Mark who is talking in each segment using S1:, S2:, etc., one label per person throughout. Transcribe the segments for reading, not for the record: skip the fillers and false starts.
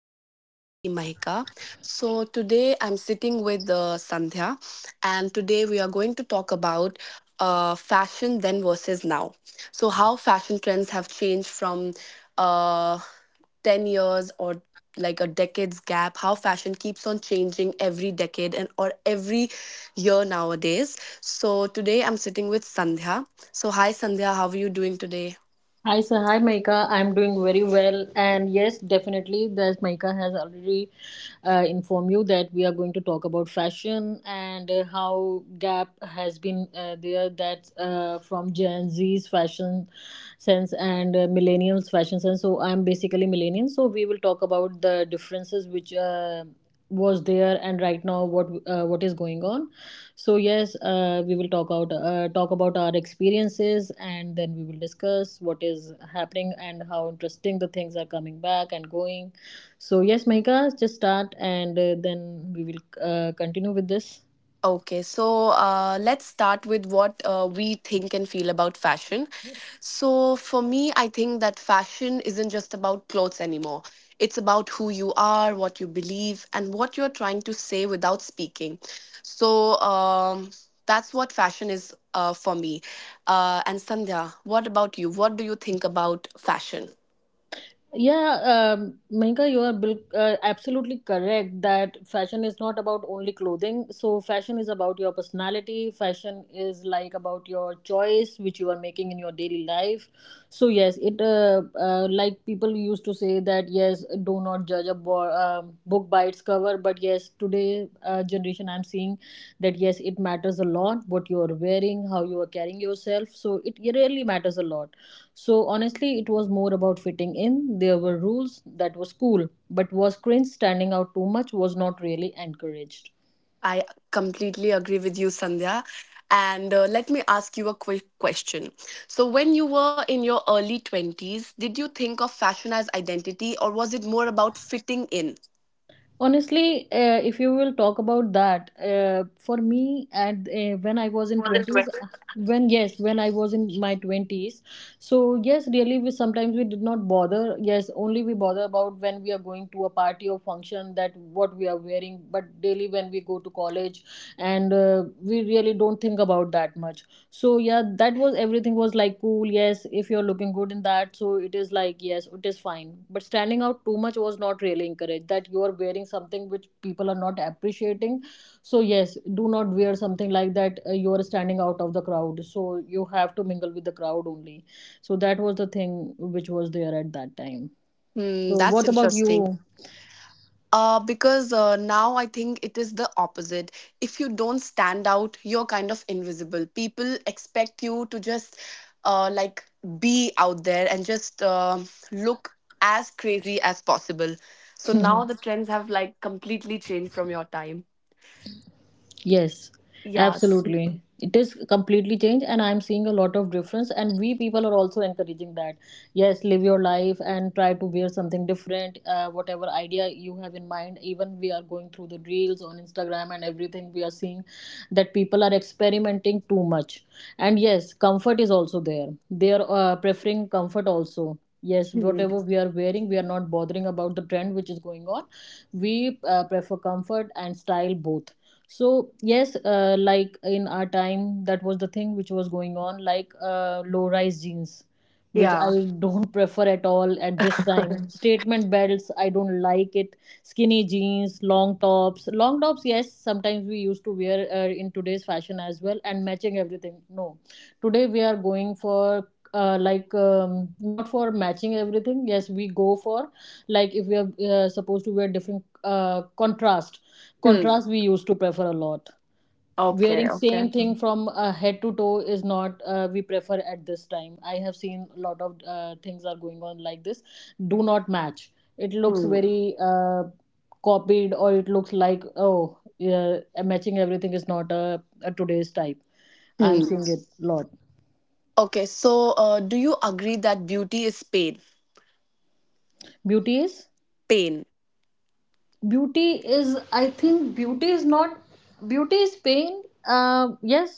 S1: it's me, Mahika. So, today I'm sitting with Sandhya, and today we are going to talk about fashion then versus now. So, how fashion trends have changed from uh, 10 years or like a decade's gap, how fashion keeps on changing every decade and or every year nowadays. So, today I'm sitting with Sandhya. So, hi Sandhya, how are you doing today?
S2: Hi, sir. Hi, Maika. I'm doing very well. And yes, definitely, as Maika has already informed you that we are going to talk about fashion and how gap has been there. That's From Gen Z's fashion sense and millennials' fashion sense. So I'm basically millennial. So we will talk about the differences which was there and right now what is going on. So yes, we will talk about our experiences, and then we will discuss what is happening and how interesting the things are coming back and going. So yes, Mahika, just start, and then we will continue with this.
S1: Okay, so let's start with what we think and feel about fashion. So, for me, I think that fashion isn't just about clothes anymore. It's about who you are, what you believe, and what you're trying to say without speaking. So, um, that's what fashion is for me. And Sandhya, what about you? What do you think about fashion?
S2: Yeah, Mahinka, you are absolutely correct that fashion is not about only clothing. So fashion is about your personality. Fashion is like about your choice which you are making in your daily life. So yes, it like people used to say that yes, do not judge a book by its cover. But yes, today generation, I'm seeing that yes, it matters a lot what you are wearing, how you are carrying yourself. So it really matters a lot. So honestly, it was more about fitting in. There were rules that was cool, but was cringe. Standing out too much was not really encouraged.
S1: I completely agree with you, Sandhya. And let me ask you a quick question. So, when you were in your early 20s, did you think of fashion as identity or was it more about fitting in?
S2: Honestly, if you will talk about that, for me, at when I was in twenties, when I was in my twenties, so yes, really, we sometimes we did not bother. Yes, only we bother about when we are going to a party or function that what we are wearing. But daily, when we go to college, and we really don't think about that much. So yeah, that was, everything was like cool. Yes, if you're looking good in that, so it is like yes, it is fine, but standing out too much was not really encouraged, that you are wearing something which people are not appreciating. So yes, do not wear something like that. You are standing out of the crowd, so you have to mingle with the crowd only. So that was the thing which was there at that time.
S1: Hmm,
S2: So
S1: that's
S2: what about
S1: interesting.
S2: you?
S1: Because now I think it is the opposite. If you don't stand out, you're kind of invisible. People expect you to just uh, like be out there and just look as crazy as possible. So now the trends have like completely changed from your time.
S2: Yes,
S1: Yes.
S2: absolutely. It is completely changed, and I'm seeing a lot of difference. And we people are also encouraging that. Yes, live your life and try to wear something different. Whatever idea you have in mind, even we are going through the reels on Instagram and everything, we are seeing that people are experimenting too much. And yes, comfort is also there. They are preferring comfort also. Yes,
S1: Mhm.
S2: whatever we are wearing, we are not bothering about the trend which is going on. We prefer comfort and style both. So yes, like in our time, that was the thing which was going on, like low rise jeans, which I
S1: Yeah.
S2: don't prefer at all at this time. Statement belts, I don't like it. Skinny jeans, long tops, yes, sometimes we used to wear in today's fashion as well. And matching everything, no. Today we are going for like, not for matching everything. Yes, we go for, like, if we are supposed to wear different, uh, contrast
S1: Hmm.
S2: contrast we used to prefer a lot.
S1: Okay.
S2: Wearing same
S1: Okay.
S2: thing from head to toe is not, we prefer at this time. I have seen a lot of things are going on like this. Do not match, it looks
S1: Hmm.
S2: very copied, or it looks like, oh yeah, matching everything is not a today's type. I'm
S1: Hmm.
S2: seeing it lot.
S1: Okay. So, do you agree that beauty is pain?
S2: beauty is
S1: Pain.
S2: beauty is I think beauty is not, beauty is pain, yes.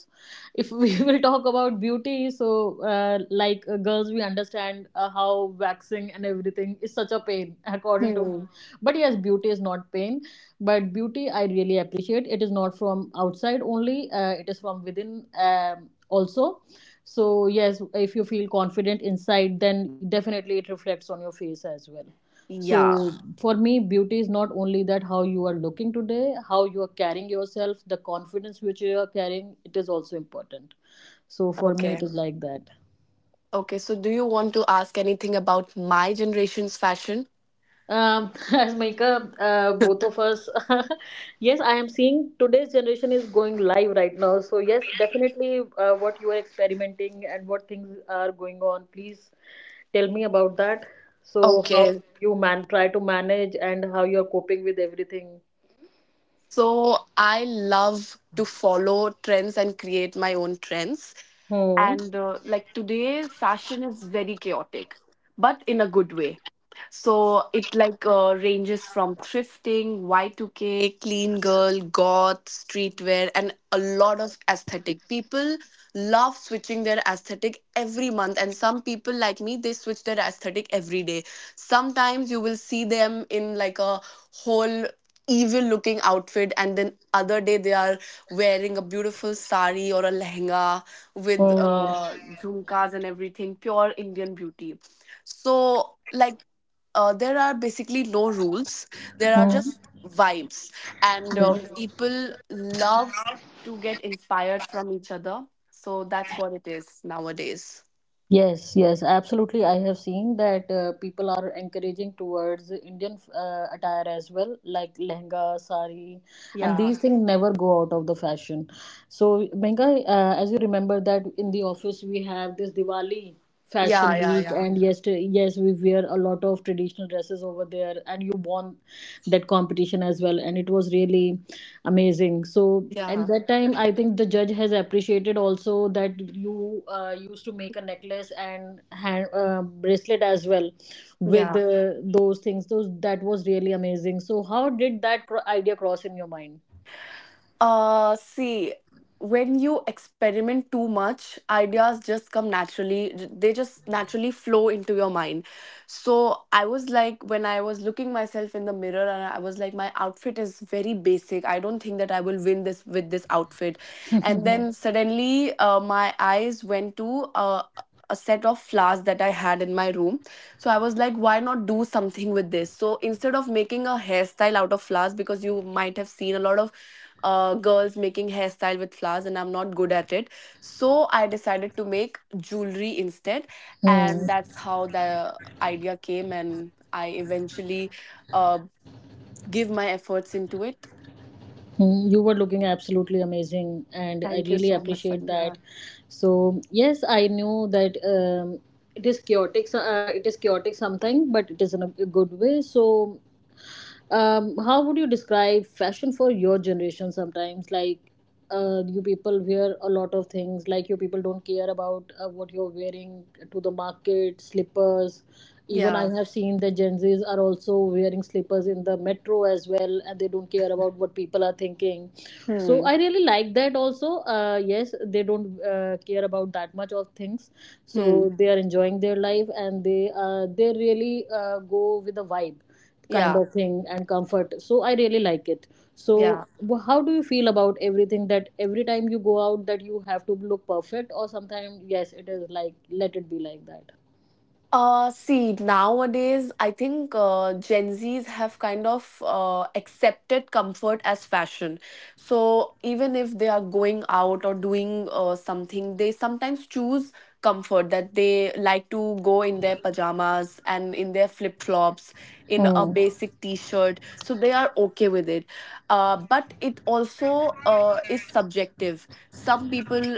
S2: If we will talk about beauty, so like, girls, we understand how waxing and everything is such a pain, according to me.
S1: Hmm.
S2: But yes, beauty is not pain. But beauty, I really appreciate, it is not from outside only, it is from within, also. So yes, if you feel confident inside, then definitely it reflects on your face as well.
S1: Yeah.
S2: So for me, beauty is not only that how you are looking today, how you are carrying yourself, the confidence which you are carrying, it is also important. So for me, it
S1: Okay.
S2: is like that.
S1: Okay, so do you want to ask anything about my generation's fashion?
S2: As Maika, both of us, yes, I am seeing today's generation is going live right now. So yes, definitely, what you are experimenting and what things are going on, please tell me about that. So how
S1: Okay.
S2: you man try to manage and how you are coping with everything.
S1: So I love to follow trends and create my own trends.
S2: Hmm.
S1: And today fashion is very chaotic, but in a good way. So it like ranges from thrifting, Y2K, clean girl, goth, streetwear, and a lot of aesthetic people love switching their aesthetic every month, and some people like me, they switch their aesthetic every day. Sometimes you will see them in like a whole evil looking outfit, and then other day they are wearing a beautiful sari or a lehenga with
S2: Hmm.
S1: jhumkas and everything, pure Indian beauty. So, like, there are basically no rules, there are
S2: Mm.
S1: just vibes, and people love to get inspired from each other. So, that's what it is nowadays.
S2: Yes, yes, absolutely. I have seen that people are encouraging towards the Indian attire as well, like lehenga, sari, and
S1: Yeah.
S2: these things never go out of the fashion. So, Mehnga, as you remember that in the office we have this Diwali fashion
S1: Yeah, yeah,
S2: week,
S1: yeah.
S2: and yes we wear a lot of traditional dresses over there, and you won that competition as well, and it was really amazing. So, and
S1: Yeah,
S2: that time I think the judge has appreciated also that you used to make a necklace and hand, bracelet as well with
S1: yeah.
S2: those things those that was really amazing. So how did that idea cross in your mind?
S1: See, when you experiment too much, ideas just come naturally. They just naturally flow into your mind. So I was like, when I was looking myself in the mirror, and I was like, my outfit is very basic. I don't think that I will win this with this outfit. And then suddenly, my eyes went to a set of flowers that I had in my room. So I was like, why not do something with this? So instead of making a hairstyle out of flowers, because you might have seen a lot of girls making hairstyle with flowers, and I'm not good at it, so I decided to make jewelry instead.
S2: Hmm.
S1: And that's how the idea came, and I eventually uh, give my efforts into it.
S2: Hmm, you were looking absolutely amazing, and I
S1: Thank you
S2: really
S1: so much,
S2: appreciate
S1: Samya.
S2: that. So yes, I knew that it is chaotic. So, it is chaotic something, but it is in a good way. So, how would you describe fashion for your generation? Sometimes, like, you people wear a lot of things, like you people don't care about what you're wearing to the market, slippers. Even I
S1: Yeah.
S2: have seen the Gen Z's are also wearing slippers in the metro as well, and they don't care about what people are thinking. So
S1: Hmm.
S2: I really like that also. Yes, they don't care about that much of things,
S1: Hmm.
S2: so they are enjoying their life, and they they really go with the vibe kind
S1: Yeah,
S2: of thing, and comfort. So I really like it. So
S1: yeah.
S2: how do you feel about everything, that every time you go out that you have to look perfect, or sometimes yes it is like let it be like that?
S1: See, nowadays, I think Gen Zs have kind of accepted comfort as fashion. So even if they are going out or doing something, they sometimes choose comfort, that they like to go in their pajamas and in their flip-flops, in a
S2: Hmm.
S1: basic t-shirt. So they are okay with it. But it also is subjective. Some people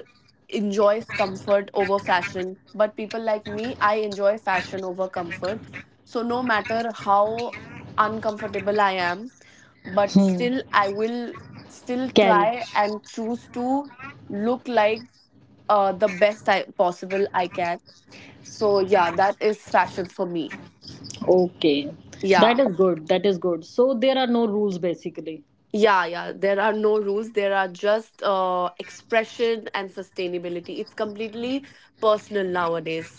S1: enjoys comfort over fashion, but people like me, I enjoy fashion over comfort. So no matter how uncomfortable I am, but
S2: Hmm.
S1: still I will still
S2: Carry.
S1: try and choose to look like the best possible I can. So yeah, that is fashion for me.
S2: Okay, that
S1: Yeah.
S2: is good, that is good. So there are no rules basically.
S1: Yeah, yeah, there are no rules, there are just expression and sustainability, it's completely personal nowadays.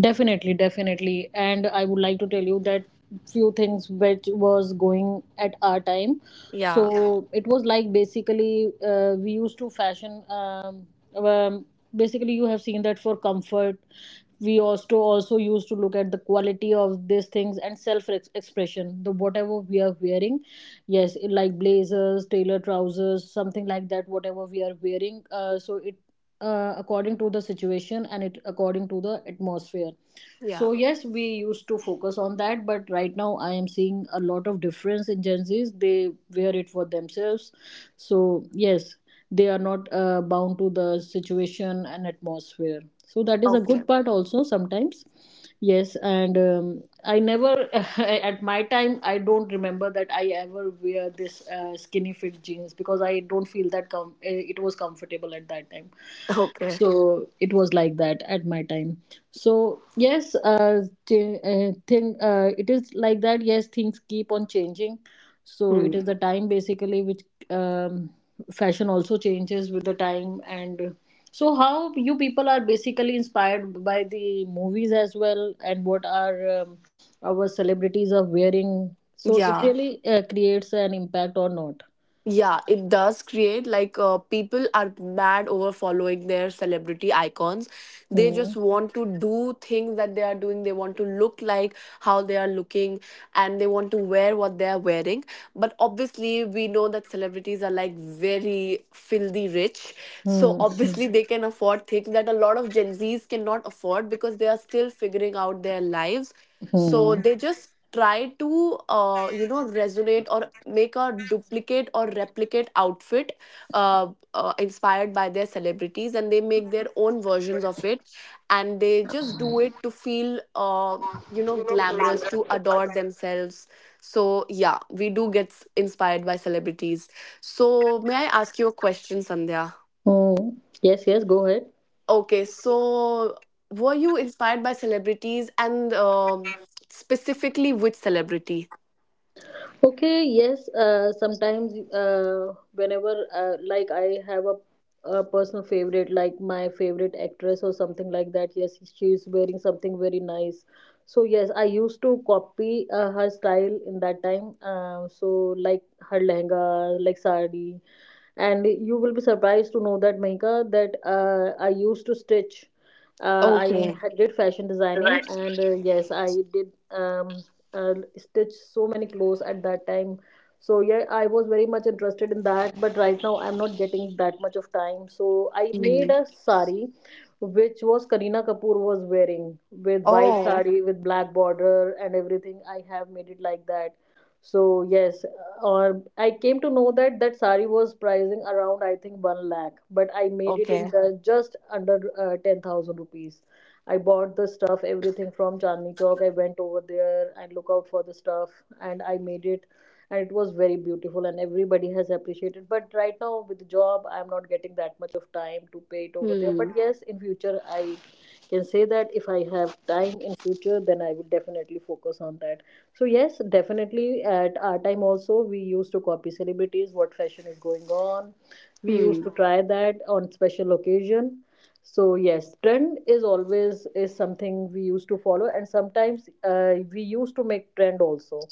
S2: Definitely, definitely. And I would like to tell you that few things which was going at our time,
S1: Yeah,
S2: so it was like, basically we used to fashion, um, basically you have seen that for comfort we also used to look at the quality of these things and self expression, the whatever we are wearing. Yes, like blazers, tailor trousers, something like that, whatever we are wearing, so it, according to the situation, and it according to the atmosphere.
S1: yeah.
S2: So yes, we used to focus on that, but right now I am seeing a lot of difference in Gen Z's. They wear it for themselves. So yes, they are not bound to the situation and atmosphere. So that is a
S1: Okay.
S2: good part also, sometimes. Yes, and I never at my time, I don't remember that I ever wear this skinny fit jeans, because I don't feel that it was comfortable at that time.
S1: Okay.
S2: So it was like that at my time. So yes, thing, it is like that, yes, things keep on changing. So
S1: Hmm.
S2: it is the time basically which, um, fashion also changes with the time. And so how you people are basically inspired by the movies as well, and what are, our celebrities are wearing, so it
S1: Yeah.
S2: really creates an impact or not?
S1: Yeah, it does create like people are mad over following their celebrity icons. They
S2: Hmm.
S1: just want to do things that they are doing. They want to look like how they are looking, and they want to wear what they are wearing. But obviously, we know that celebrities are like very filthy rich. So
S2: Hmm. Hmm.
S1: obviously, they can afford things that a lot of Gen Zs cannot afford, because they are still figuring out their lives. So
S2: Hmm.
S1: they just try to resonate or make a duplicate or replicate outfit uh, inspired by their celebrities, and they make their own versions of it, and they just do it to feel glamorous, to adore themselves. So yeah, we do get inspired by celebrities. So may I ask you a question, Sandhya?
S2: Hmm. Yes, yes, go ahead.
S1: Okay, so were you inspired by celebrities, and specifically which celebrity?
S2: Okay, yes, sometimes whenever, like I have a personal favorite, like my favorite actress or something like that, yes, she is wearing something very nice. So yes, I used to copy her style in that time. So like her lehenga, like sari, and you will be surprised to know that Mahika, that I used to stitch,
S1: Okay.
S2: did fashion designing,
S1: Right.
S2: and yes, I did stitch so many clothes at that time. So yeah, I was very much interested in that, but right now I'm not getting that much of time. So I made
S1: Hmm.
S2: a sari, which was Kareena Kapoor was wearing, with white
S1: Oh,
S2: sari with black border and everything. I have made it like that. So yes, or I came to know that that sari was pricing around I think one lakh, but I made it in
S1: okay.
S2: the just under 10,000 rupees. I bought the stuff, everything from Chandni Chowk. I went over there and look out for the stuff, and I made it, and it was very beautiful, and everybody has appreciated. But right now with the job, I'm not getting that much of time to pay it over there. But
S1: Hmm.
S2: yes, in future I can say that if I have time in future, then I will definitely focus on that. So yes, definitely at our time also we used to copy celebrities, what fashion is going on. We used
S1: Hmm.
S2: to try that on special occasion, so yes, trend is always is something we used to follow, and sometimes we used to make trend also,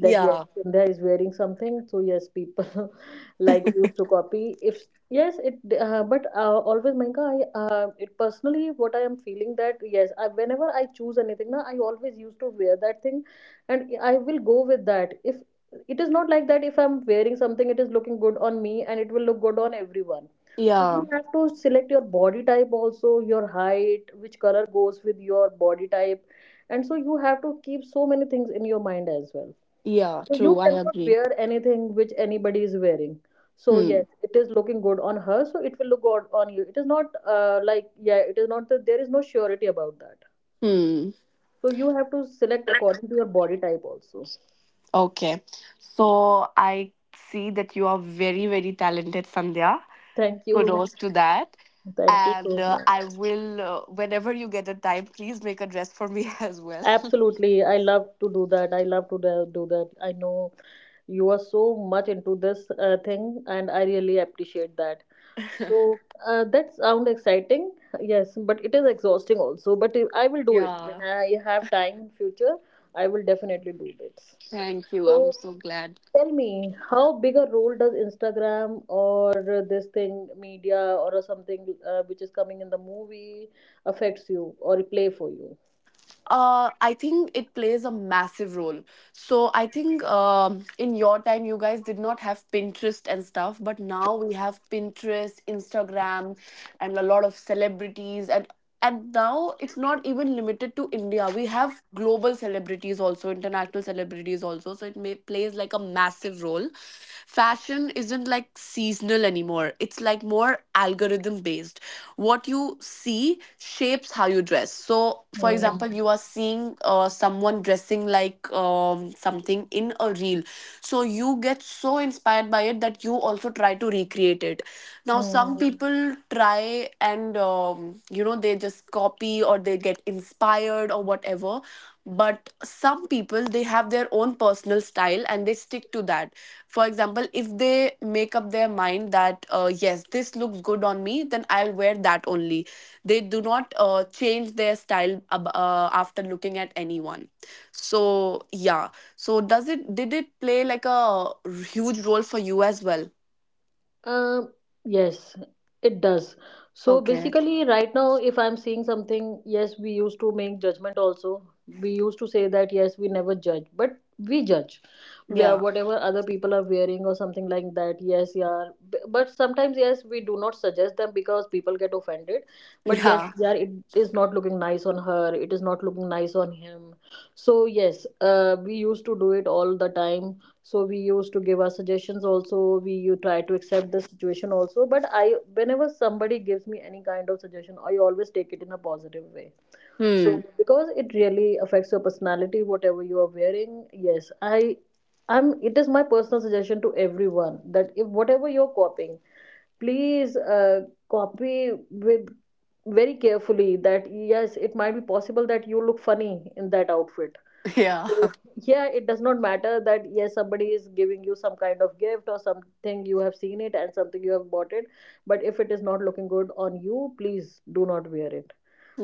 S2: that yes,
S1: Yeah.
S2: Sandhya is wearing something, so yes people like used to copy. If yes it but always Mayanka I it personally what I am feeling that yes whenever I choose anything na, I always used to wear that thing, and I will go with that. If it is not like that, if I'm wearing something it is looking good on me, and it will look good on everyone. So you,
S1: Yeah.
S2: Mhm, have to select your body type also, your height, which color goes with your body type, and so you have to keep so many things in your mind as well,
S1: Yeah.
S2: so you
S1: True. I
S2: cannot
S1: agree.
S2: wear anything which anybody is wearing. So yes,
S1: Hmm.
S2: it is looking good on her, so it will look good on you. It is not like, yeah, it is not that. There is no surety about that.
S1: Hmm.
S2: So you have to select according to your body type also.
S1: Okay. So I see that you are very, very talented, Sandhya.
S2: Thank you.
S1: Kudos to that.
S2: Thank you
S1: And
S2: so much.
S1: whenever you get a time, please make a dress for me as well.
S2: Absolutely. I love to do that. I love to do that. I know you are so much into this thing, and I really appreciate that. So that sound exciting, yes, but it is exhausting also. But I will do it
S1: yeah.
S2: when I have time in future. I will definitely do this.
S1: Thank you.
S2: So
S1: I'm so glad.
S2: tell me, how big a role does Instagram or this thing, media, or something which is coming in the movie affects you or play for you?
S1: I think it plays a massive role. So I think in your time, you guys did not have Pinterest and stuff, but now we have Pinterest, Instagram, and a lot of celebrities, and now it's not even limited to India. We have global celebrities also, international celebrities also. So it may plays like a massive role. Fashion isn't like seasonal anymore. It's like more algorithm based, what you see shapes how you dress. So for
S2: Hmm.
S1: example, you are seeing someone dressing like something in a reel, so you get so inspired by it that you also try to recreate it. Now, some Mhm.
S2: Hmm.
S1: people try and, they just copy or they get inspired or whatever. But some people, they have their own personal style and they stick to that. For example, if they make up their mind that, yes, this looks good on me, then I'll wear that only. They do not change their style after looking at anyone. So, yeah. So, did it play like a huge role for you as well?
S2: Um, yes, it does. So
S1: Okay.
S2: basically, right now, if I'm seeing something, yes, we used to make judgment also. We used to say that yes, we never judge, but we judge. We are
S1: Yeah.
S2: whatever other people are wearing or something like that. Yes, yeah. But sometimes, yes, we do not suggest them because people get offended. But yes,
S1: Yeah.
S2: yeah, it is not looking nice on her. It is not looking nice on him. So yes, we used to do it all the time. So we used to give our suggestions also. We you try to accept the situation also, but I, whenever somebody gives me any kind of suggestion, I always take it in a positive way. So,
S1: Hmm.
S2: Mhm, because it really affects your personality, whatever you are wearing. Yes, I'm it is my personal suggestion to everyone that if whatever you're copying, please copy with very carefully, that yes, it might be possible that you look funny in that outfit.
S1: Yeah.
S2: So, yeah, it does not matter that yes, somebody is giving you some kind of gift or something, you have seen it and something you have bought it, but if it is not looking good on you, please do not wear it.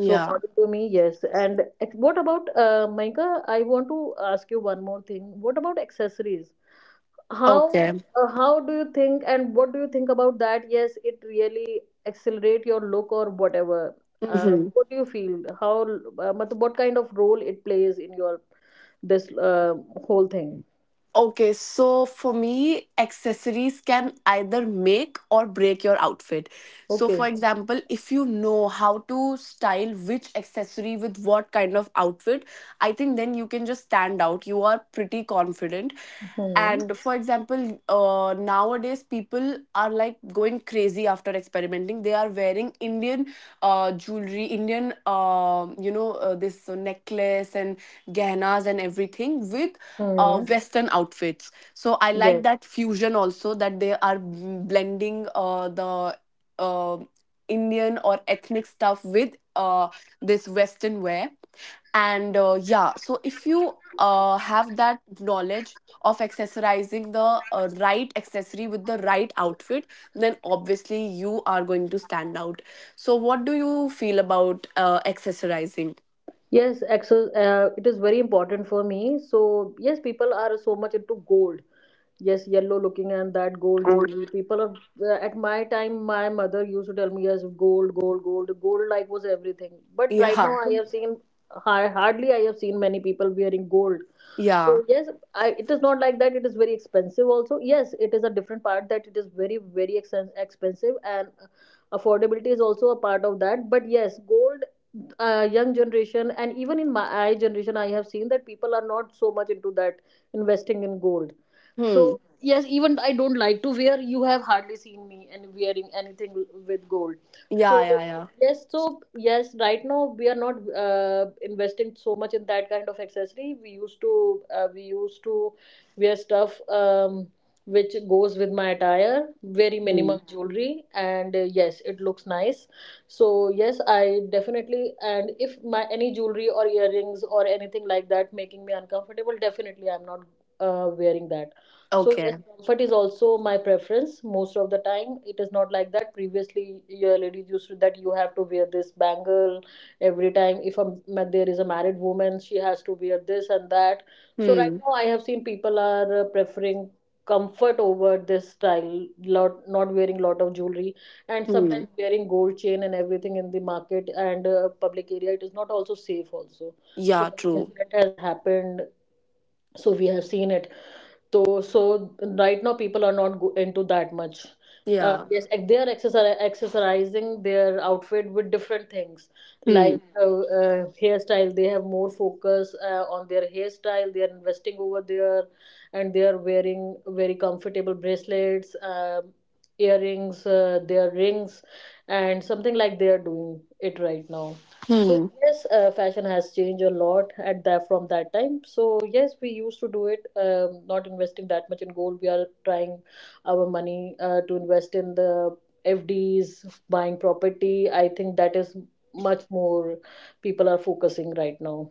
S2: So according to me, yes. And what about Maika, I want to ask you one more thing. What about accessories? How
S1: Okay.
S2: how do you think and what do you think about that? Yes, it really accelerate your look or whatever.
S1: Mm-hmm.
S2: What do you feel, how what kind of role it plays in your this whole thing.
S1: Okay, so for me, accessories can either make or break your outfit. So,
S2: Okay.
S1: for example, if you know how to style which accessory with what kind of outfit, I think then you can just stand out. You are pretty confident.
S2: Hmm.
S1: And for example, nowadays people are like going crazy after experimenting. They are wearing Indian jewelry, Indian, this necklace and gehnas and everything with
S2: Hmm.
S1: western outfits. So I like
S2: Yes.
S1: that fusion also, that they are blending the uh, Indian or ethnic stuff with this western wear. And yeah, so if you have that knowledge of accessorizing the right accessory with the right outfit, then obviously you are going to stand out. So what do you feel about accessorizing?
S2: Yes. Exercise. It is very important for me. So yes, people are so much into gold. Yes, yellow looking and that gold jewelry. People are at my time. My mother used to tell me yes, gold, gold, gold, gold. Like was everything. But right now,
S1: Yeah,
S2: I have seen. I have seen many people wearing gold.
S1: yeah.
S2: So yes, I, it is not like that. It is very expensive also. Yes, it is a different part that it is very very expensive, and affordability is also a part of that. But yes, gold, young generation and even in my generation, I have seen that people are not so much into that, investing in gold.
S1: Hmm.
S2: So yes, even I don't like to wear. You have hardly seen me and wearing anything with gold.
S1: Yeah,
S2: So
S1: yeah, yeah.
S2: yes, so yes, right now we are not investing so much in that kind of accessory. We used to wear stuff, which goes with my attire, very
S1: Hmm.
S2: minimal jewelry, and yes, it looks nice. So yes, I definitely, and if my any jewelry or earrings or anything like that making me uncomfortable, definitely I'm not wearing that. So
S1: Okay.
S2: yes, comfort is also my preference most of the time. It is not like that. Previously, your ladies used to that you have to wear this bangle every time. If a, there is a married woman, she has to wear this and that. So right
S1: Hmm.
S2: now, I have seen people are preferring comfort over this style. Lot, not wearing lot of jewelry, and
S1: Hmm.
S2: sometimes wearing gold chain and everything in the market and public area. It is not also safe also. So
S1: Yeah,
S2: many
S1: true.
S2: incident has happened. So we have seen it. So, so right now people are not into that much.
S1: Yeah.
S2: Yes, and they are accessorizing their outfit with different things,
S1: Hmm.
S2: like hairstyle. They have more focus on their hairstyle. They are investing over there, and they are wearing very comfortable bracelets, um, earrings, their rings, and something like they are doing it right now. So
S1: Hmm.
S2: yes, fashion has changed a lot at that from that time. So yes, we used to do it, not investing that much in gold. We are trying our money to invest in the FDs, buying property. I think that is much more people are focusing right now.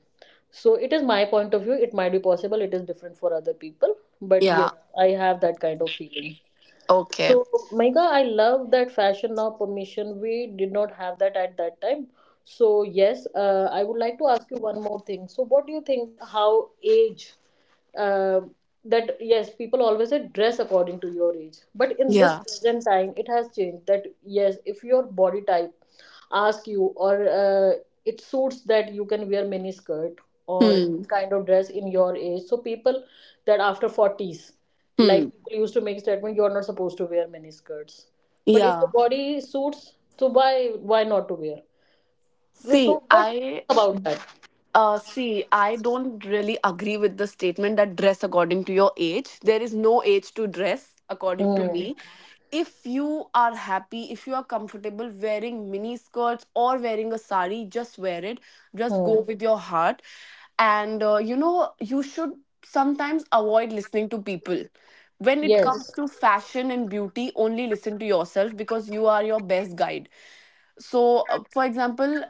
S2: So it is my point of view. It might be possible. It is different for other people, but
S1: Yeah.
S2: yes, I have that kind of feeling.
S1: Okay.
S2: So, Mega, I love that fashion now permission. We did not have that at that time. So yes, I would like to ask you one more thing. So what do you think? How age? Uh, that yes, people always say dress according to your age, but in this
S1: Yeah.
S2: present time, it has changed. That yes, if your body type ask you or it suits that you can wear mini skirt or
S1: Hmm.
S2: any kind of dress in your age. So people that after forties,
S1: Hmm.
S2: like people used to make statement, you are not supposed to wear mini skirts. But if the
S1: Yeah.
S2: body suits, so why not to wear? So,
S1: See,
S2: so what do you
S1: I
S2: think about that?
S1: See, I don't really agree with the statement that dress according to your age. There is no age to dress, according to
S2: Hmm.
S1: me. If you are happy, if you are comfortable wearing mini skirts or wearing a sari, just wear it. Just
S2: Hmm.
S1: go with your heart. And you should sometimes avoid listening to people. When it comes
S2: Yes.
S1: to fashion and beauty, only listen to yourself because you are your best guide. So, for example,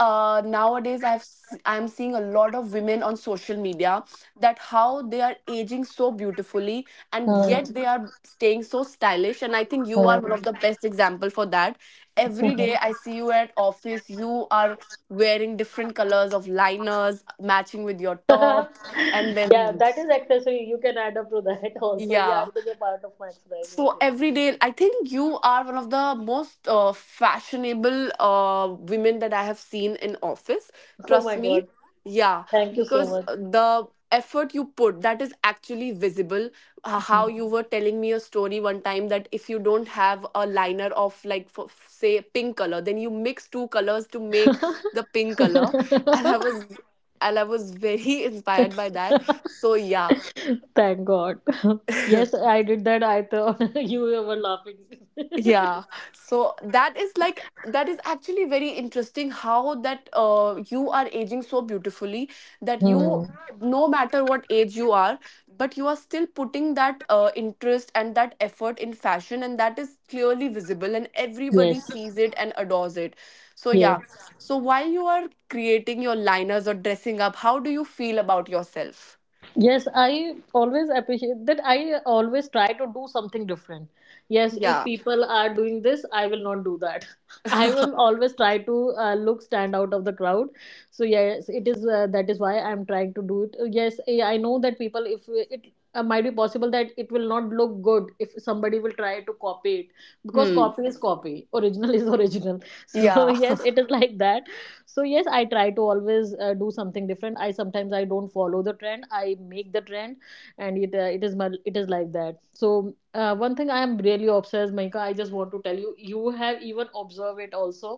S1: nowadays I'm seeing a lot of women on social media, that how they are aging so beautifully and yet
S2: Hmm.
S1: they are staying so stylish, and I think you are one
S2: Hmm.
S1: of the best example for that. Every day I see you at office, you are wearing different colors of liners matching with your top and
S2: Yeah,
S1: then,
S2: that is accessory. You can add up to that also. Yeah,
S1: yeah.
S2: it is a part of my exercising
S1: So
S2: thing.
S1: every day, I think you are one of the most fashionable women that I have seen in office.
S2: Oh
S1: Trust
S2: my
S1: me.
S2: god.
S1: Yeah,
S2: Thank you so
S1: because
S2: much.
S1: the effort you put, that is actually visible. How you were telling me a story one time that if you don't have a liner of like, for say, pink color, then you mix two colors to make the pink color, and I was and I was very inspired by that. So yeah.
S2: Thank God. Yes, I did that. I thought you were laughing.
S1: Yeah. So that is like that is actually very interesting how that you are aging so beautifully that
S2: Hmm.
S1: you no matter what age you are but you are still putting that interest and that effort in fashion and that is clearly visible and everybody
S2: Yes.
S1: sees it and adores it, so yeah.
S2: Yes.
S1: So while you are creating your liners or dressing up, how do you feel about yourself?
S2: Yes, I always appreciate that. I always try to do something different. Yes, if
S1: Yeah.
S2: people are doing this, I will not do that. I will always try to look stand out of the crowd. So yes, it is that is why I am trying to do it. Yes, I know that people if it might be possible that it will not look good if somebody will try to copy it, because copy
S1: Hmm.
S2: is copy, original is original. So
S1: yeah
S2: yes, it is like that. So yes, I try to always do something different. I sometimes I don't follow the trend, I make the trend. And it is like that. So one thing I am really obsessed, Maika, I just want to tell you, you have even observed it also,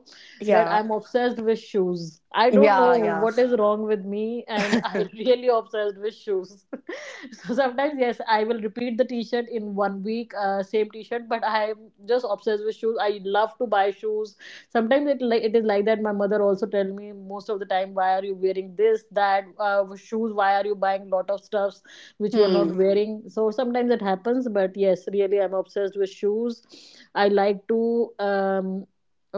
S2: that
S1: yeah
S2: I'm obsessed with shoes. I don't know
S1: yeah. Yeah.
S2: what is wrong with me, and I really obsessed with shoes. So sometimes yes, I will repeat the t-shirt in 1 week, same t-shirt, but I'm just obsessed with shoes. I love to buy shoes. Sometimes it like it is like that, my mother also tell me most of the time, why are you wearing this that shoes, why are you buying lot of stuffs which you're not
S1: Hmm.
S2: wearing? So sometimes it happens, but yes really, I'm obsessed with shoes. I like to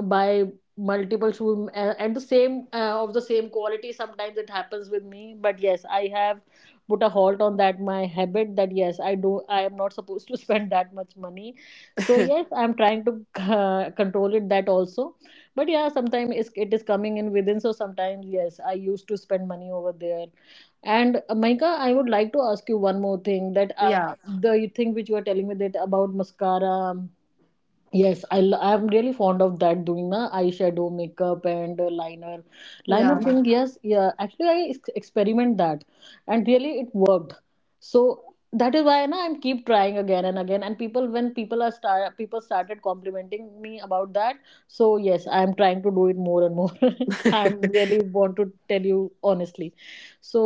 S2: buy multiple shoes, and the same of the same quality. Sometimes it happens with me, but yes, I have put a halt on that, my habit, that yes I do, I am not supposed to spend that much money. So yes, I'm trying to control it, that also. But yeah, sometimes it is coming in within, so sometimes yes, I used to spend money over there. And Maika, I would like to ask you one more thing, that as
S1: Yeah.
S2: the thing which you are telling me, that about mascara, yes, I'm really fond of that, doing na eyeshadow, makeup, and liner
S1: Yeah.
S2: thing. Yes, yeah. Actually, experiment that, and really it worked. So that is why na I'm keep trying again and again. And people, when people are start, people started complimenting me about that. So yes, I'm trying to do it more and more. I'm really want to tell you honestly. So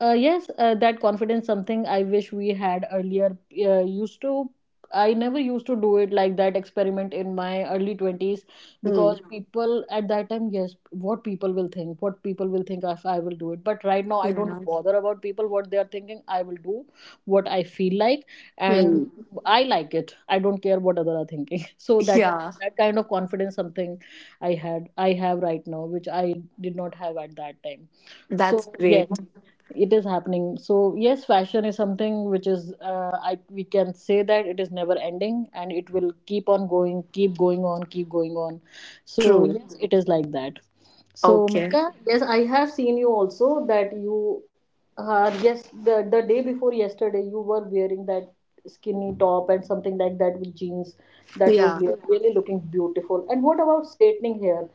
S2: yes, that confidence something I wish we had earlier. Used to I never used to do it like that, experiment in my early 20s,
S1: Mm.
S2: because Mhm. people at that time, yes, what people will think, what people will think if I will do it. But right now, I
S1: Yeah.
S2: don't bother about people, what they are thinking. I will do what I feel like, and
S1: Mm.
S2: Mhm. I like it. I don't care what other are thinking. So that is
S1: Yeah.
S2: Mhm. that kind of confidence something I have right now, which I did not have at that time.
S1: That's
S2: So yes,
S1: great.
S2: it is happening. So yes, fashion is something which is I we can say that it is never ending, and it will keep on going, keep going on, keep going on. So
S1: True.
S2: yes, it is like that. So,
S1: Okay.
S2: Mika, yes, I have seen you also, that you are, yes, the day before yesterday, you were wearing that skinny top and something like that with jeans, that was
S1: Yeah.
S2: really looking beautiful. And what about straightening hair?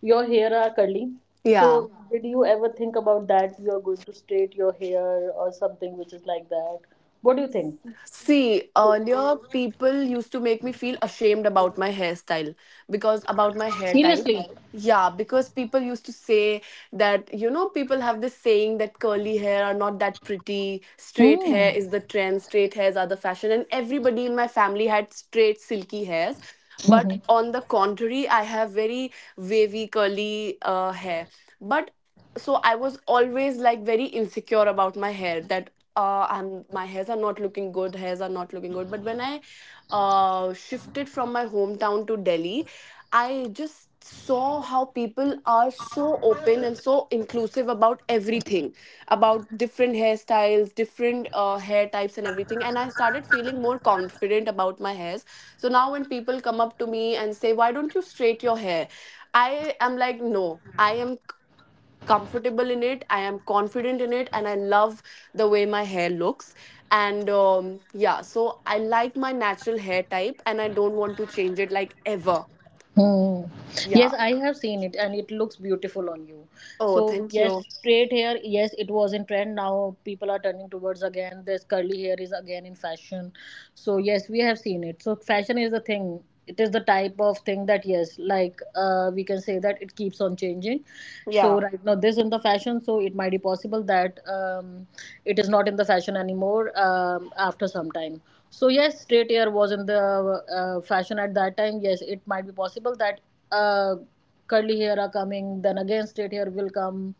S2: Your hair are curly.
S1: Yeah.
S2: So, did you ever think about that, you are going to straight your hair or something which is like that? What do you think?
S1: See, earlier people used to make me feel ashamed about my hairstyle, because about my hair type.
S2: Seriously?
S1: Yeah, because people used to say that, you know, people have this saying that curly hair are not that pretty, straight
S2: Hmm.
S1: hair is the trend, straight hairs are the fashion, and everybody in my family had straight, silky hairs. But On the contrary, I have very wavy, curly hair. But so I was always like very insecure about my hair, that I'm my hairs are not looking good, hairs are not looking good. But when I shifted from my hometown to Delhi, I just saw how people are so open and so inclusive about everything, about different hairstyles, different hair types, and everything. And I started feeling more confident about my hairs. So now when people come up to me and say, "Why don't you straight your hair?" I am like, "No, I am comfortable in it. I am confident in it and I love the way my hair looks, and yeah, so I like my natural hair type and I don't want to change it like ever."
S2: Hmm.
S1: Yeah.
S2: Yes, I have seen it and it looks beautiful on you.
S1: Oh,
S2: So,
S1: thank
S2: yes,
S1: you.
S2: straight hair, yes, it was in trend. Now people are turning towards again. This curly hair is again in fashion. So, yes, we have seen it. So, fashion is the thing. It is the type of thing that, yes, like we can say that it keeps on changing. So,
S1: Yeah.
S2: right now, this in the fashion. So, it might be possible that it is not in the fashion anymore after some time. So yes, straight hair was in the fashion at that time. Yes, it might be possible that uh, curly hair are coming, then again straight hair will come.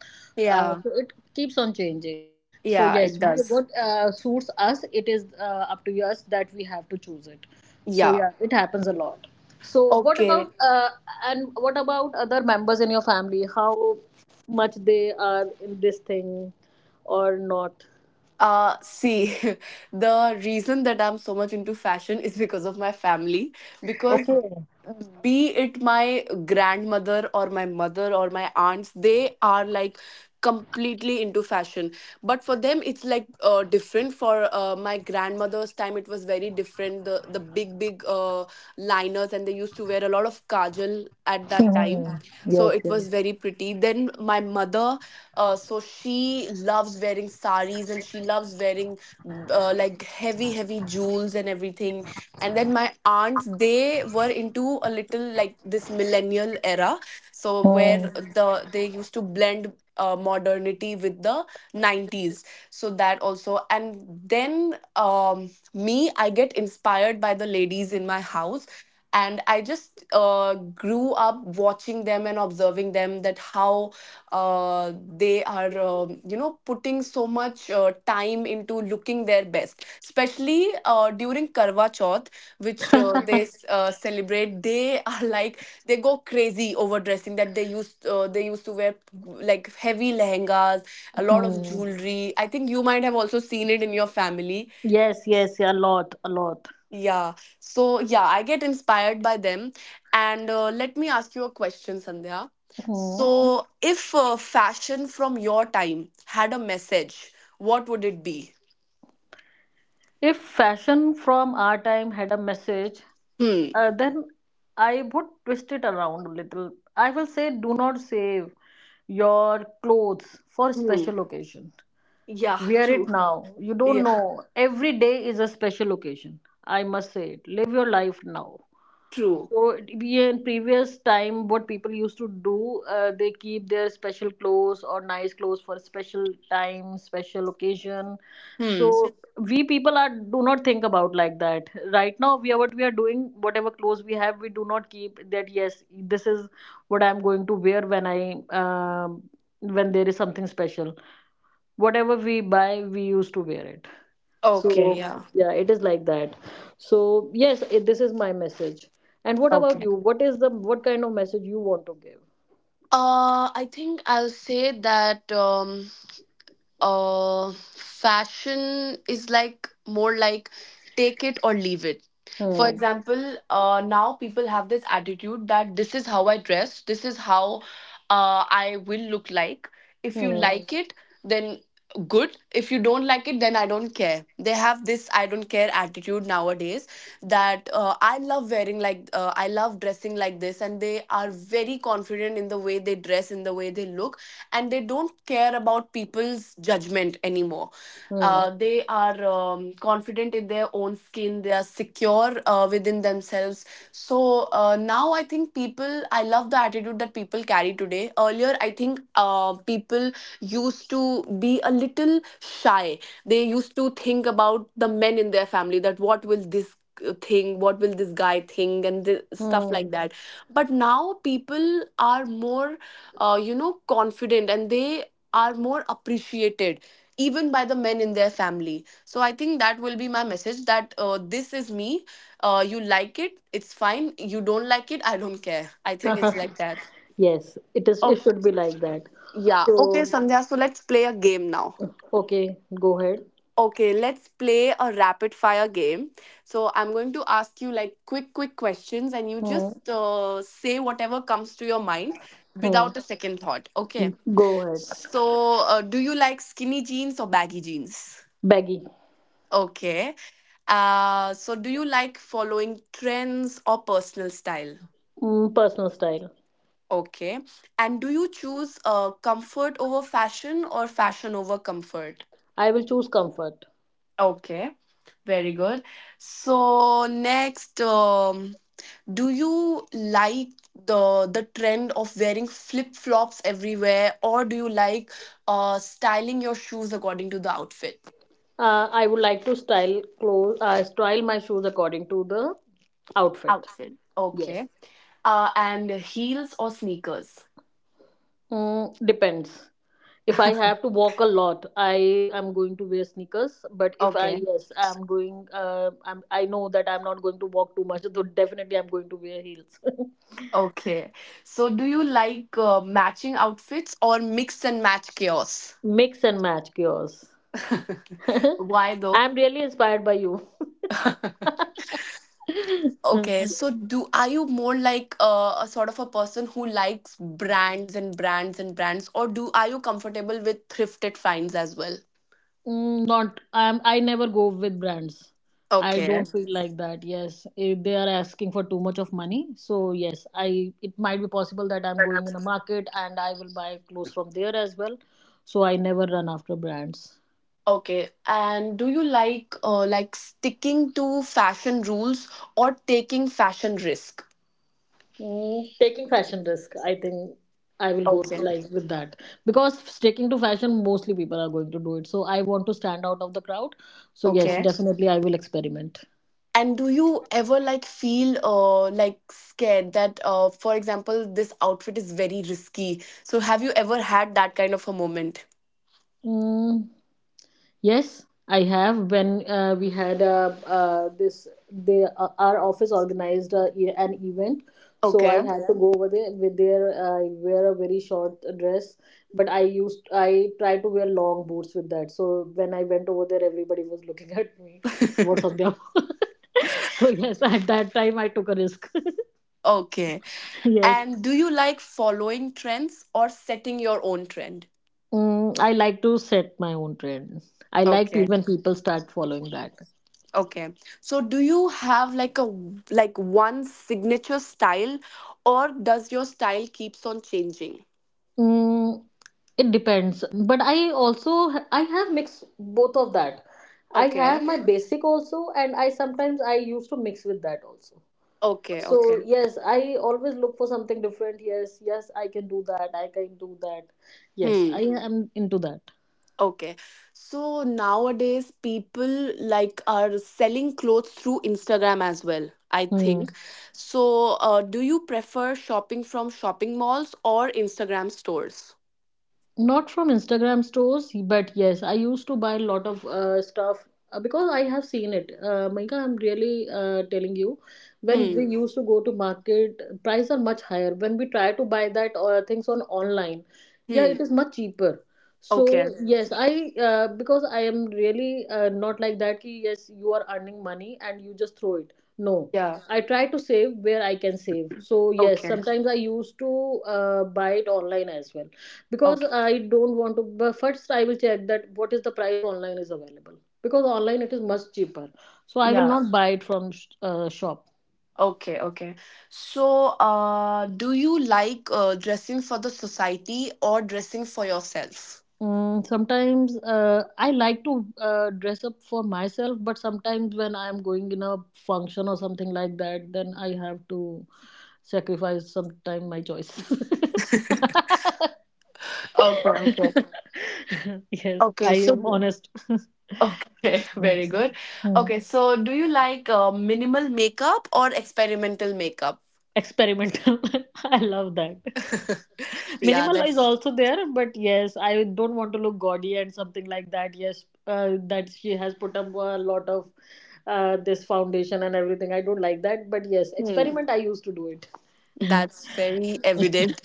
S1: Yeah.
S2: So it keeps on changing. So
S1: Yeah, it
S2: yes, we
S1: does.
S2: what suits us, it is up to us that we have to choose it. So
S1: Yeah.
S2: yeah, it happens a lot. So what
S1: Okay.
S2: about and what about other members in your family? How much they are in this thing or not?
S1: See, the reason that I'm so much into fashion is because of my family. Because
S2: Okay.
S1: be it my grandmother or my mother or my aunts, they are like completely into fashion. But for them, it's like different. For my grandmother's time, it was very different. The big big liners, and they used to wear a lot of kajal at that time,
S2: Mhm.
S1: so
S2: Yes,
S1: it
S2: yes.
S1: was very pretty. Then my mother, so she loves wearing saris and she loves wearing like heavy, heavy jewels and everything. And then my aunts, they were into a little like this millennial era, so where
S2: Hmm.
S1: They used to blend modernity with the 90s. So that also, and then me, I get inspired by the ladies in my house, and I just grew up watching them and observing them, that how uh, they are, you know, putting so much time into looking their best, especially during karwa chauth, which they celebrate. They are like, they go crazy over dressing, that they used to wear like heavy lehengas, a lot of
S2: Mm.
S1: jewelry. I think you might have also seen it in your family.
S2: Yes, yes, a lot, a lot.
S1: Yeah. So, yeah, I get inspired by them. And let me ask you a question, Sandhya.
S2: Hmm.
S1: So, if fashion from your time had a message, what would it be?
S2: If fashion from our time had a message,
S1: Hmm.
S2: then I would twist it around a little. I will say, do not save your clothes for
S1: Hmm.
S2: special occasion.
S1: Yeah,
S2: Wear it
S1: true.
S2: now. You don't
S1: Yeah,
S2: know. Every day is a special occasion. I must say it. Live your life now.
S1: true.
S2: So we in previous time, what people used to do, they keep their special clothes or nice clothes for special time, special occasion.
S1: Hmm.
S2: So we people are do not think about like that. Right now, we are what we are doing, whatever clothes we have, we do not keep that. Yes, this is what I'm going to wear when I um when there is something special. Whatever we buy, we used to wear it.
S1: Okay,
S2: So,
S1: yeah.
S2: yeah, it is like that. So, yes, it, this is my message. And what about
S1: Okay.
S2: you? What is the what kind of message you want to give?
S1: I think I'll say that. Fashion is like more like take it or leave it. For
S2: Hmm.
S1: example, now people have this attitude, that this is how I dress, this is how I will look like. If you like it, then good. If you don't like it, then I don't care. They have this "I don't care" attitude nowadays, that I love wearing like, I love dressing like this, and they are very confident in the way they dress, in the way they look, and they don't care about people's judgment anymore.
S2: Hmm.
S1: They are confident in their own skin. They are secure within themselves. So now I think people, I love the attitude that people carry today. Earlier, I think people used to be a little shy. They used to think about the men in their family, that what will this thing what will this guy think, and the, stuff
S2: Hmm.
S1: like that. But now people are more you know, confident, and they are more appreciated even by the men in their family. So I think that will be my message, that this is me. You like it, it's fine. You don't like it, I don't care. I think
S2: Hmm.
S1: it's like that.
S2: Yes, it is. It should
S1: Okay.
S2: be like that.
S1: Yeah. Okay,
S2: So,
S1: Sandhya. So let's play a game now.
S2: okay, go ahead.
S1: Okay, let's play a rapid fire game. So I'm going to ask you like quick, quick questions, and you
S2: Hmm.
S1: just say whatever comes to your mind
S2: Hmm.
S1: without a second thought. Okay.
S2: Go ahead.
S1: So, do you like skinny jeans or baggy jeans?
S2: Baggy.
S1: Okay. So, do you like following trends or personal style?
S2: Mm, personal style.
S1: Okay. And do you choose comfort over fashion or fashion over comfort?
S2: I will choose comfort.
S1: Okay. Very good. So, next, do you like the the trend of wearing flip-flops everywhere, or do you like styling your shoes according to the outfit?
S2: I would like to style clothes. Style my shoes according to the outfit.
S1: Outfit.
S2: Yes.
S1: Okay. And heels or sneakers?
S2: Mm, depends. If I have to walk a lot, I am going to wear sneakers. But if I
S1: Okay.
S2: yes, I'm doing. I know that I'm not going to walk too much. So definitely, I'm going to wear heels.
S1: Okay. So, do you like matching outfits or mix and match chaos?
S2: Mix and match yours.
S1: Why though?
S2: I'm really inspired by you.
S1: Okay, so do are you more like a sort of a person who likes brands and brands and brands, or do are you comfortable with thrifted finds as well?
S2: Mm, not I'm I never go with brands. I
S1: Okay.
S2: don't feel like that. Yes, if they are asking for too much of money, so yes, I it might be possible that I'm going in a market and I will buy clothes from there as well. So I never run after brands.
S1: Okay. And do you like sticking to fashion rules or taking fashion risk?
S2: Mm, taking fashion risk, I think I will go to
S1: Okay.
S2: like with that, because sticking to fashion, mostly people are going to do it. So I want to stand out of the crowd. So yes,
S1: Okay.
S2: definitely I will experiment.
S1: And do you ever like feel like scared that, for example, this outfit is very risky? So have you ever had that kind of a moment?
S2: Mm, yes, I have. When we had this, they our office organized an event, so I
S1: Okay.
S2: had to go over there with their. I wear a very short dress, but I try to wear long boots with that. So when I went over there, everybody was looking at me. What's up there? So yes, at that time I took a risk.
S1: Okay.
S2: Yes,
S1: And do you like following trends or setting your own trend?
S2: mm, I like to set my own trend. I like
S1: Okay.
S2: when people start following that.
S1: Okay. So do you have like like one signature style, or does your style keeps on changing?
S2: Mm, it depends, but I also I have mixed both of that. I
S1: Okay.
S2: have my Okay. basic also, and I sometimes I used to mix with that also.
S1: Okay.
S2: So
S1: Okay.
S2: yes, I always look for something different. Yes, yes, I can do that. I can do that. Yes,
S1: Hmm.
S2: I am into that.
S1: Okay. So nowadays people like are selling clothes through Instagram as well, I
S2: Hmm.
S1: think. So do you prefer shopping from shopping malls or Instagram stores?
S2: Not from Instagram stores, but yes, I used to buy a lot of stuff, because I have seen it, Maika, I'm really telling you, when
S1: Hmm.
S2: we used to go to market, prices are much higher. When we try to buy that or things on online, yeah,
S1: Hmm.
S2: it is much cheaper. So
S1: Okay.
S2: yes, I because I am really not like that ki, yes you are earning money and you just throw it, no,
S1: Yeah.
S2: I try to save where I can save. So yes,
S1: Okay.
S2: sometimes I used to buy it online as well, because
S1: Okay.
S2: I don't want to, but first I will check that what is the price online is available, because online it is much cheaper. So I will
S1: Yeah.
S2: not buy it from shop.
S1: Okay. Okay. So do you like dressing for the society or dressing for yourself?
S2: Mm, sometimes I like to dress up for myself, but sometimes when I'm going in a function or something like that, then I have to sacrifice sometime my choice.
S1: Okay. Okay.
S2: Yes, I
S1: Okay.
S2: am
S1: So
S2: honest.
S1: Okay, very
S2: Yes.
S1: good.
S2: Hmm.
S1: Okay, so do you like minimal makeup or experimental makeup?
S2: Experimental. I love that.
S1: Yeah,
S2: Minimal is
S1: that's
S2: also there, but yes, I don't want to look gaudy and something like that, yes that she has put up a lot of this foundation and everything, I don't like that. But yes,
S1: hmm,
S2: experiment I used to do
S1: that's
S2: it.
S1: very evident.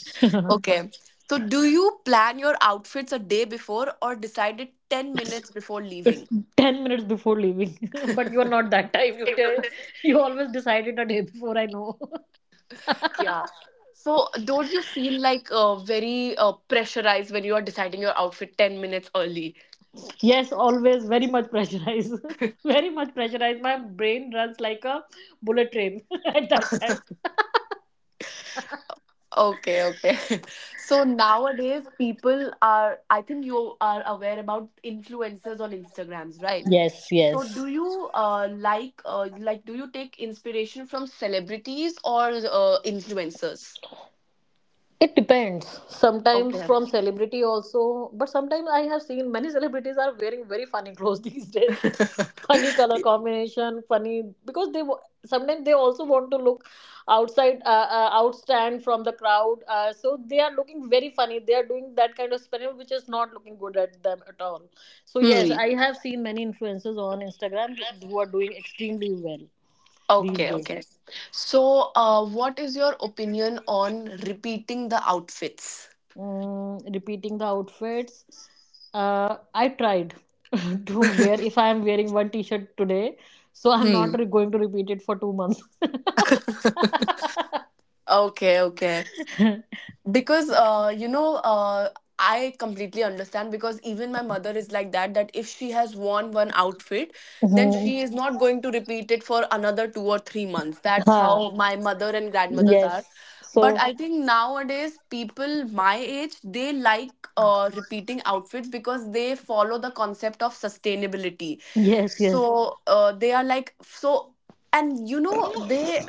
S1: Okay. So do you plan your outfits a day before or decide it 10 minutes before leaving?
S2: 10 minutes before leaving. But you are not that type, you day, you always decide it a day before, I know.
S1: Yeah. So don't you feel like very pressurized when you are deciding your outfit 10 minutes early?
S2: Yes, always very much pressurized. Very much pressurized, my brain runs like a bullet train at that time.
S1: Okay, okay. So nowadays, people are, I think you are aware about influencers on Instagrams, right?
S2: Yes, yes.
S1: So do you like do you take inspiration from celebrities or influencers?
S2: It depends. Sometimes
S1: Okay.
S2: from celebrity also, but sometimes I have seen many celebrities are wearing very funny clothes these days. Funny color combination, funny because sometimes they also want to look outside, outstand from the crowd. So they are looking very funny. They are doing that kind of experiment which is not looking good at them at all. So yes,
S1: Hmm.
S2: I have seen many influencers on Instagram who are doing extremely well these
S1: Okay,
S2: days.
S1: okay. So, what is your opinion on repeating the outfits?
S2: Mm, repeating the outfits, I tried to wear if I am wearing one t-shirt today, so I'm
S1: Hmm.
S2: not going to repeat it for 2 months.
S1: Okay, okay. Because you know, I completely understand, because even my mother is like that, that if she has worn one outfit, then
S2: Mhm.
S1: she is not going to repeat it for another 2 or 3 months. That's
S2: Ha.
S1: how my mother and grandmothers are.
S2: Yes.
S1: But
S2: So
S1: I think nowadays people my age, they like repeating outfits, because they follow the concept of sustainability.
S2: yes,
S1: So
S2: yes,
S1: they are like, so, and you know, they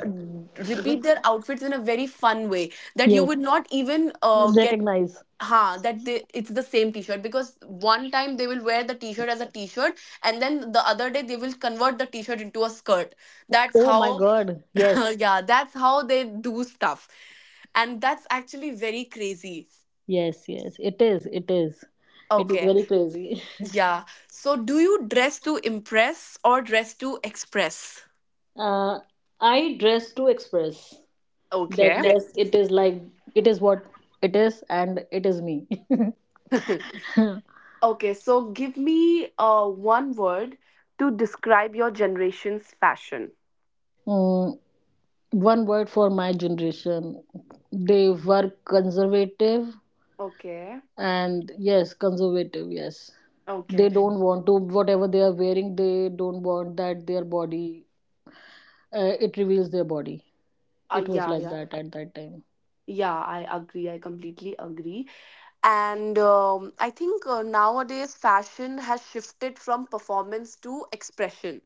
S1: repeat their outfits in a very fun way, that you
S2: yes,
S1: would not even get,
S2: recognize,
S1: ha, that they, it's the same t-shirt, because one time they will wear the t-shirt as a t-shirt, and then the other day they will convert the t-shirt into a skirt. That's
S2: oh
S1: how
S2: my god, yes,
S1: yeah, that's how they do stuff, and that's actually very crazy.
S2: yes, yes, it is, it is, it is
S1: Okay,
S2: very crazy.
S1: yeah, so do you dress to impress or dress to express?
S2: Uh, I dress to express, that
S1: Okay. Dress.
S2: yes it is like, it is what it is, and it is me.
S1: Okay, so give me one word to describe your generation's fashion.
S2: Mm, one word for my generation, they were conservative.
S1: Okay.
S2: And yes, conservative, yes, they
S1: Okay.
S2: don't want to whatever they are wearing, they don't want that their body it reveals their body, it was
S1: Yeah,
S2: like
S1: yeah.
S2: that at that time.
S1: Yeah, I agree. I completely agree. And I think nowadays fashion has shifted from performance to expression.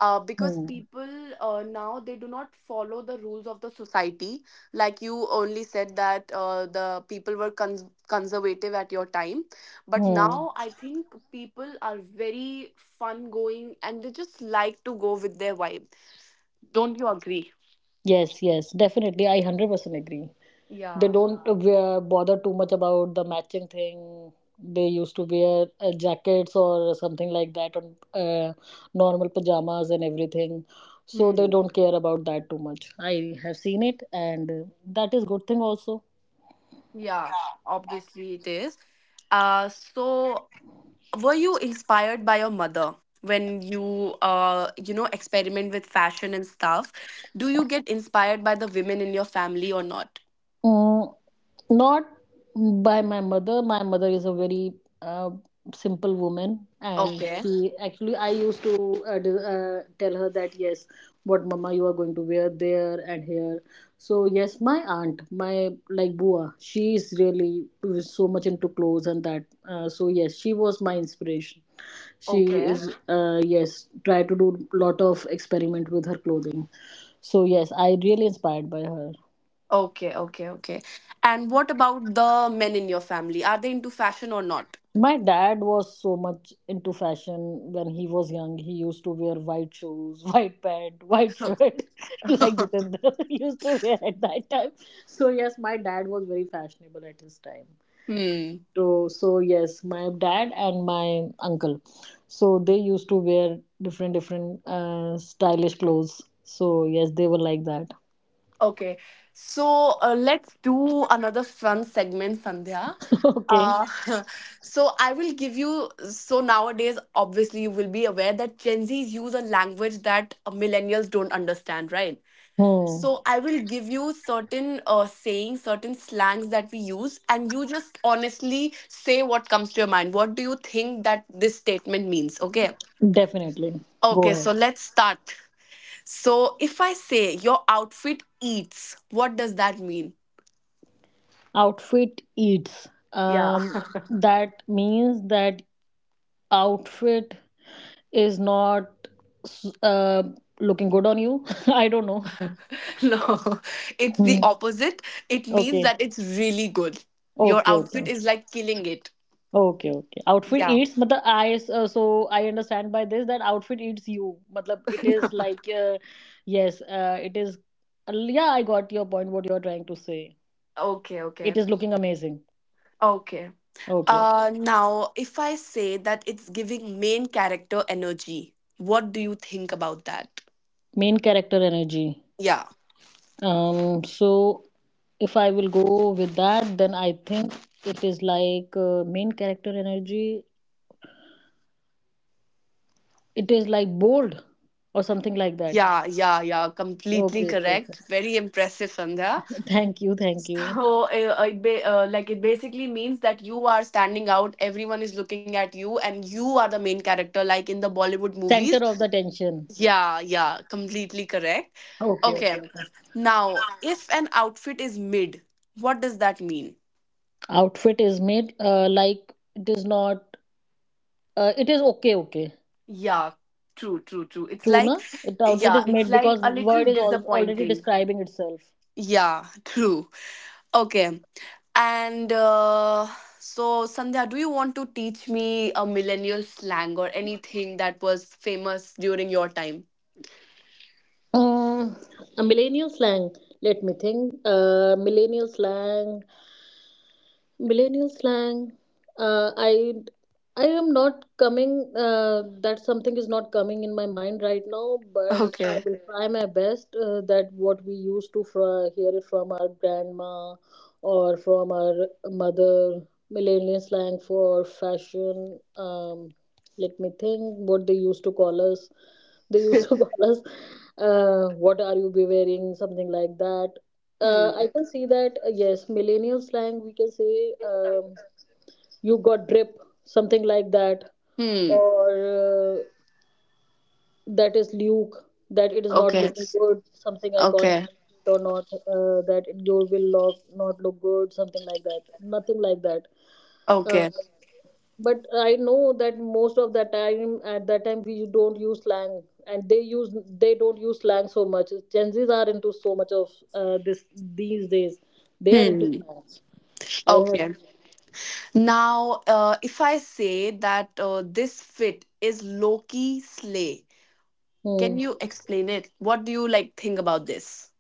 S1: Because
S2: Hmm.
S1: people now they do not follow the rules of the society. Like you only said that the people were cons- conservative at your time, but
S2: Hmm.
S1: now I think people are very fun going and they just like to go with their vibe. Don't you agree?
S2: Yes, yes, definitely I 100% agree. They
S1: Yeah.
S2: don't bother too much about the matching thing. They used to wear jackets or something like that, and normal pajamas and everything. So they
S1: Hmm.
S2: don't care about that too much. I have seen it, and that is good thing also.
S1: Yeah, obviously it is. So were you inspired by your mother when you you know experiment with fashion and stuff? Do you get inspired by the women in your family or not?
S2: Mm, not by my mother. My mother is a very uh, simple woman, and
S1: Okay,
S2: she actually I used to tell her that yes, what mama you are going to wear there and here. So yes, my aunt, my like Bua, she is really so much into clothes and that. So yes, she was my inspiration. She
S1: okay,
S2: is yes try to do lot of experiment with her clothing. So yes, I really inspired by her.
S1: okay, okay, okay. And what about the men in your family? Are they into fashion or not?
S2: My dad was so much into fashion when he was young. He used to wear white shoes, white pant, white shirt, like Jitendra used to wear at that time. So yes, my dad was very fashionable at his time.
S1: Hmm.
S2: So yes, my dad and my uncle, so they used to wear different different stylish clothes. So yes, they were like that.
S1: Okay, so let's do another fun segment, Sandhya.
S2: Okay.
S1: Uh, so I will give you. So nowadays, obviously, you will be aware that Gen Zs use a language that millennials don't understand, right?
S2: Hmm.
S1: So I will give you certain sayings, certain slangs that we use, and you just honestly say what comes to your mind. What do you think that this statement means? Okay.
S2: Definitely. Go
S1: Okay,
S2: ahead.
S1: so let's start. So if I say your outfit eats, what does that mean?
S2: Outfit eats,
S1: Yeah.
S2: that means that outfit is not s- uh, looking good on you. I don't know.
S1: No, it's the
S2: Hmm.
S1: opposite. It means
S2: Okay,
S1: that it's really good. Your
S2: okay.
S1: outfit
S2: Okay,
S1: is like killing it.
S2: okay, okay. Outfit
S1: Yeah.
S2: eats matlab I so I understand by this that outfit eats you matlab it is like yes it is, yeah, I got your point what you are trying to say.
S1: Okay,
S2: It
S1: okay.
S2: is looking amazing.
S1: Okay.
S2: Okay, okay.
S1: Now if I say that it's giving main character energy, what do you think about that?
S2: Main character energy.
S1: Yeah.
S2: So if I will go with that, then I think it is like main character energy. It is like bold or something like that.
S1: Yeah, yeah, yeah, completely
S2: Okay, okay, okay.
S1: correct. Very impressive, Sandhya.
S2: Thank you, thank you.
S1: So like it basically means that you are standing out. Everyone is looking at you, and you are the main character, like in the Bollywood
S2: Center
S1: movies.
S2: of the tension.
S1: Yeah, yeah, completely correct.
S2: Okay, okay,
S1: Okay,
S2: okay.
S1: now if an outfit is mid, what does that mean?
S2: Outfit is made, like it is not. It is okay, okay.
S1: Yeah, true, true, true. It's
S2: True,
S1: like,
S2: na? It outfit
S1: yeah,
S2: is
S1: it's
S2: made
S1: like
S2: because
S1: a little
S2: word is al already
S1: disappointing.
S2: describing itself.
S1: Yeah, true. Okay. And so, Sandhya, do you want to teach me a millennial slang or anything that was famous during your time?
S2: Um, a millennial slang. Let me think. Millennial slang. Millennial slang. Uh, i i am not coming that something is not coming in my mind right now, but I
S1: Okay.
S2: will Okay. try my best that what we used to hear it from our grandma or from our mother. Millennial slang for fashion, let me think what they used to call us. They used to call us, what are you be wearing, something like that. Uh, I
S1: Hmm.
S2: can see that, yes, millennial slang, we can say, you got drip, something like that,
S1: Hmm.
S2: or that is Luke, that it is not
S1: Okay.
S2: looking good, something iconic
S1: Okay.
S2: outfit or not, that it, you will look, not look good, something like that, nothing like that. Uh,
S1: Okay.
S2: but I know that most of the time, at that time, we don't use slang, and they don't use slang so much. Gen Zs are into so much of this these days. They are into
S1: Hmm.
S2: slang. I have
S1: Okay. Now, if I say that this fit is Loki Slay, can
S2: Hmm.
S1: you explain it? What do you think about this?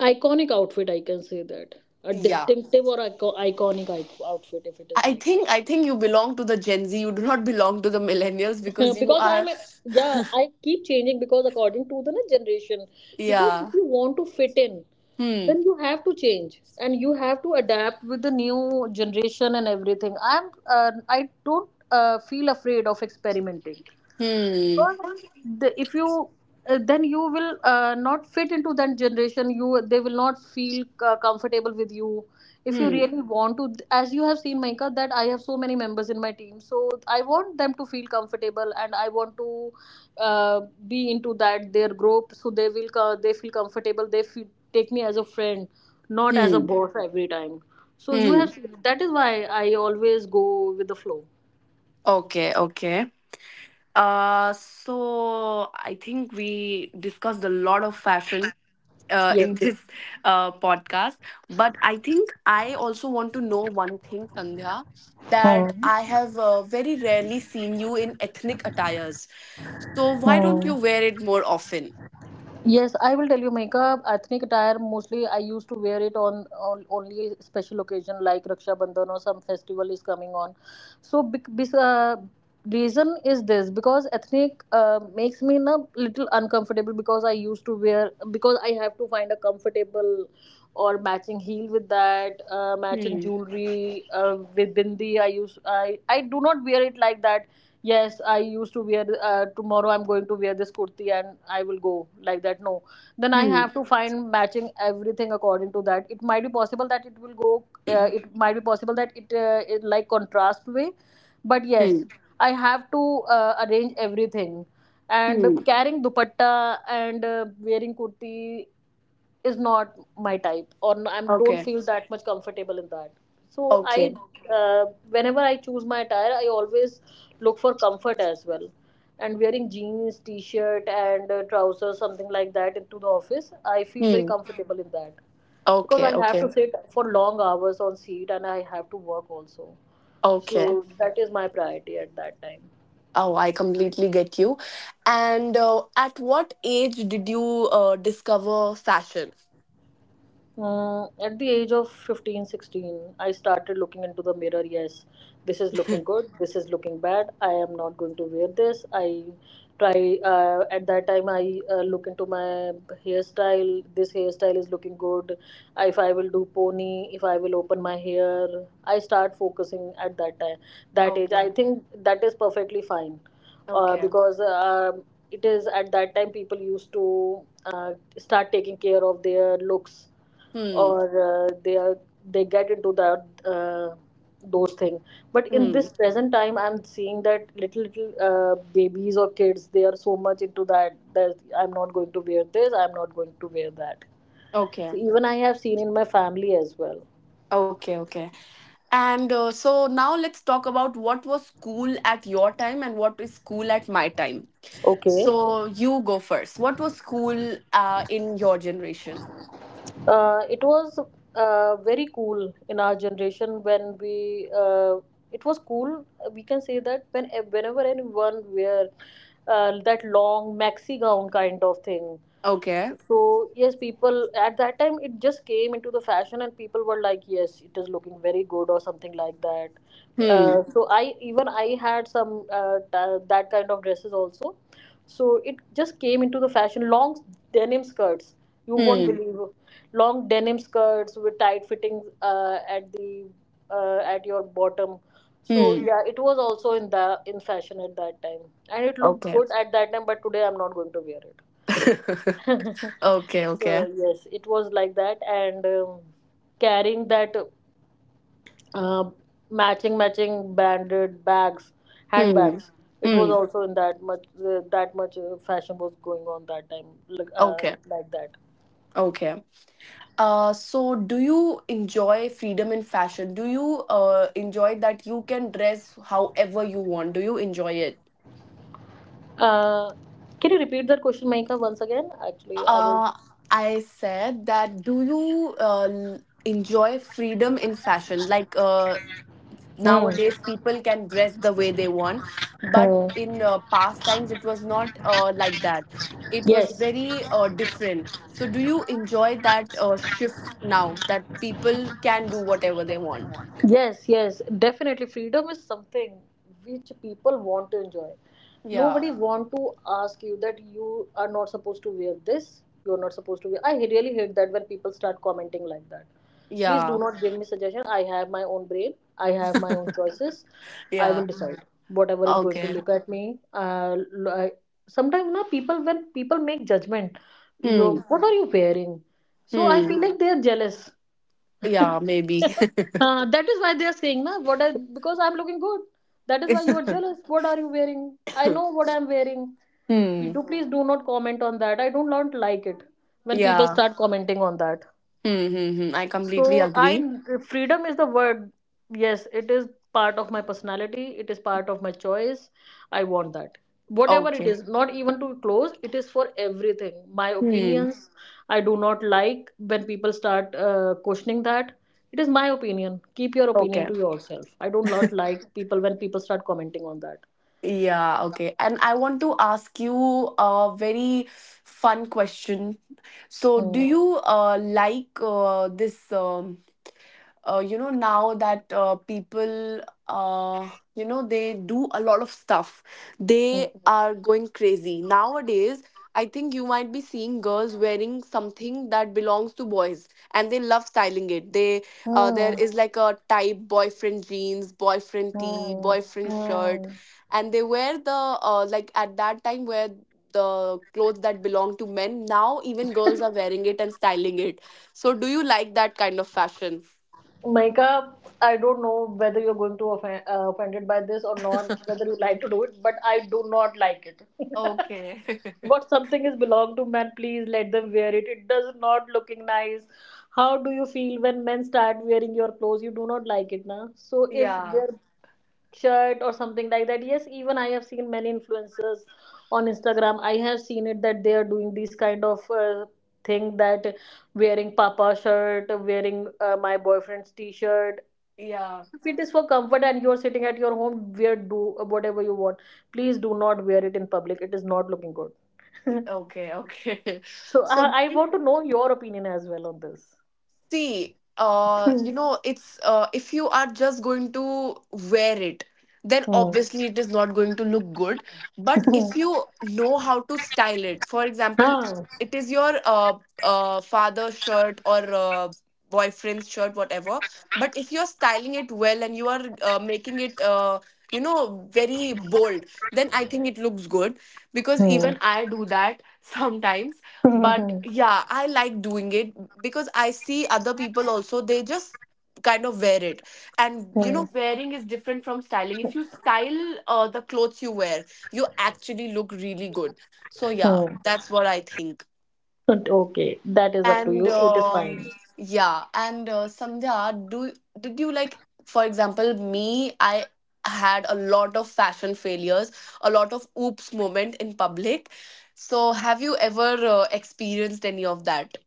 S2: Iconic outfit. I can say that a
S1: Yeah.
S2: distinctive or iconic outfit if it is
S1: I
S2: like
S1: think I think you belong to the Gen Z. You do not belong to the millennials because
S2: that.
S1: you
S2: Because
S1: are
S2: I'm a, yeah, I keep changing because according to the na, generation. Because if
S1: yeah.
S2: you want to fit in,
S1: Hmm.
S2: then you have to change and you have to adapt with the new generation and everything. I don't feel afraid of experimenting because
S1: Hmm.
S2: the, if you then you will not fit into that generation, you they will not feel comfortable with you. If you
S1: Hmm.
S2: really want to as you have seen, Maika, that I have so many members in my team, so I want them to feel comfortable, and I want to uh, be into that their group, so they will they feel comfortable, they feel, take me as a friend, not as a
S1: Hmm.
S2: boss every time. So you
S1: Hmm.
S2: have seen, that is why I always go with the flow.
S1: Okay. Okay. So I think we discussed a lot of fashion.
S2: Yes.
S1: In this podcast, but I think I also want to know one thing, Sandhya, that I
S2: Hmm.
S1: have very rarely seen you in ethnic attires. So why don't you wear it more often?
S2: Yes, I will tell you, Maika. Ethnic attire mostly I used to wear it on only special occasion like Raksha Bandhan or some festival is coming on. So reason is this because ethnic makes me na little uncomfortable, because I used to wear, because I have to find a comfortable or matching heel with that matching
S1: Hmm.
S2: jewelry with bindi. I use i i do not wear it like that. Yes, I used to wear, tomorrow I'm going to wear this kurti and I will go, like that, no. Then I have to find matching everything according to that. It might be possible that it will go, it might be possible that it like contrast way, but yes,
S1: Hmm.
S2: I have to arrange everything, and
S1: Hmm.
S2: carrying dupatta, and wearing kurti is not my type. I don't
S1: Okay.
S2: feel that much comfortable in that. So I,
S1: Okay.
S2: uh, whenever I choose my attire, I always look for comfort as well. And wearing jeans t-shirt and trousers, something like that into the office, I feel very
S1: Hmm.
S2: comfortable in that, because
S1: Okay.
S2: I have to
S1: Okay.
S2: sit for long hours on seat, and I have to work also. So
S1: Okay.
S2: that is my priority at that time.
S1: Oh, I completely get you. And at what age did you discover fashion?
S2: Mm, at the age of 15, 16, I started looking into the mirror. Yes, this is looking good. This is looking bad. I am not going to wear this. I try, at that time, I look into my hairstyle. This hairstyle is looking good. If I will do pony, if I will open my hair, I start focusing at that time, that age. I
S1: Okay.
S2: think that is perfectly fine,
S1: Okay.
S2: because it is at that time people used to start taking care of their looks,
S1: Hmm.
S2: or uh, they are they get into that those things. But in
S1: Hmm.
S2: this present time, I'm seeing that little little babies or kids, they are so much into that that I'm not going to wear this, I'm not going to wear that.
S1: Okay.
S2: So even I have seen in my family as well.
S1: Okay. Okay. And so now let's talk about what was cool at your time and what is cool at my time.
S2: Okay.
S1: So you go first. What was cool in your generation?
S2: It was very cool in our generation when we it was cool, we can say that, when whenever anyone wear that long maxi gown kind of thing.
S1: Okay.
S2: So yes, people at that time, it just came into the fashion, and people were like, "Yes, it is looking very good" or something like that. Uh,
S1: Hmm.
S2: so I, even I had some that kind of dresses also. So it just came into the fashion. Long denim skirts, you won't
S1: Hmm.
S2: believe, long denim skirts with tight fittings at your bottom. So
S1: Hmm.
S2: yeah, it was also in the in fashion at that time, and it looked
S1: Okay.
S2: good at that time. But today I'm not going to wear it.
S1: Okay,
S2: So
S1: okay.
S2: yes, it was like that, and carrying that uh, matching matching banded bags,
S1: Hmm.
S2: handbags. It was
S1: Hmm.
S2: also in that much that much fashion was going on that time,
S1: Okay.
S2: like that.
S1: Okay. So do you enjoy freedom in fashion? Do you enjoy that you can dress however you want? Do you enjoy it?
S2: Uh, can you repeat that question, Maika, once again? Actually, I
S1: Uh, I said that do you enjoy freedom in fashion?
S2: was.
S1: Nowadays people can dress the way they want,
S2: Hmm.
S1: but
S2: Hmm.
S1: in past times it was not like that, it was
S2: Yes.
S1: very different. So do you enjoy that shift now that people can do whatever they want?
S2: Yes, yes, definitely. Freedom is something which people want to enjoy.
S1: Yeah,
S2: Nobody want to ask you that you are not supposed to wear this. You're not supposed to wear. I really hate that when people start commenting like that. Please do
S1: yeah,
S2: not give me suggestion. I have my own brain. I have my own choices. I
S1: yeah.
S2: will decide whatever is going to
S1: Okay.
S2: look at me. Sometimes na people when people make judgment, you
S1: Hmm,
S2: what are you wearing, so I feel
S1: hmm.
S2: like they are jealous,
S1: Yeah, maybe.
S2: that is why they are saying na what I, because I'm looking good, that is why you are jealous, what are you wearing, I know what I'm wearing. You
S1: Hmm.
S2: do please do not comment on that. I don't want to like it when people
S1: Yeah.
S2: start commenting on that.
S1: Hmm, hmm, hmm. I completely
S2: So I,
S1: agree.
S2: freedom is the word. Yes, it is part of my personality. It is part of my choice. I want that. Whatever it
S1: Okay.
S2: is, not even to close, it is for everything. My
S1: Hmm.
S2: opinions, I do not like when people start questioning that. It is my opinion. Keep your opinion
S1: Okay.
S2: to yourself. I do not like people when people start commenting on that.
S1: Yeah, okay. And I want to ask you a very fun question. So, do
S2: Hmm,
S1: you like this? You know, now that people, uh, you know, they do a lot of stuff, they Mhm. are going crazy nowadays. I think you might be seeing girls wearing something that belongs to boys, and they love styling it. They there
S2: hmm,
S1: is like a type: boyfriend jeans, boyfriend tee,
S2: hmm, hmm,
S1: boyfriend shirt.
S2: hmm.
S1: And they wear the like at that time where the clothes that belong to men, now even girls are wearing it and styling it. So do you like that kind of fashion?
S2: Micah, I don't know whether you're going to offended by this or not, whether you like to do it, but I do not like it.
S1: Okay.
S2: What something is belong to men, please let them wear it. It does not looking nice. How do you feel when men start wearing your clothes? You do not like it, na? So if
S1: Yeah.
S2: their shirt or something like that, yes, even I have seen many influencers on Instagram. I have seen it that they are doing these kind of thing that wearing papa shirt, wearing my boyfriend's t-shirt.
S1: Yeah.
S2: If it is for comfort and you're sitting at your home, wear do whatever you want. Please do not wear it in public. It is not looking good.
S1: Okay. Okay.
S2: So
S1: So do
S2: I want to
S1: you
S2: know your opinion as well on this.
S1: See,
S2: Hmm.
S1: you know, it's if you are just going to wear it, then
S2: Hmm.
S1: obviously it is not going to look good. But
S2: Hmm.
S1: if you know how to style it, for example,
S2: Ah.
S1: it is your father's shirt or boyfriend's shirt, whatever. But if you're styling it well, and you are making it, you know, very bold, then I think it looks good, because
S2: Hmm.
S1: even I do that sometimes. But
S2: Hmm.
S1: yeah, I like doing it, because I see other people also, they just kind of wear it. And you
S2: Hmm.
S1: know, wearing is different from styling. If you style the clothes you wear, you actually look really good. So yeah,
S2: Hmm.
S1: that's what I think.
S2: But okay, that is up to
S1: And
S2: you. It is
S1: um,
S2: fine.
S1: yeah. and Sandhya, do did you like, for example, me, I had a lot of fashion failures, a lot of oops moment in public. So have you ever experienced any of that?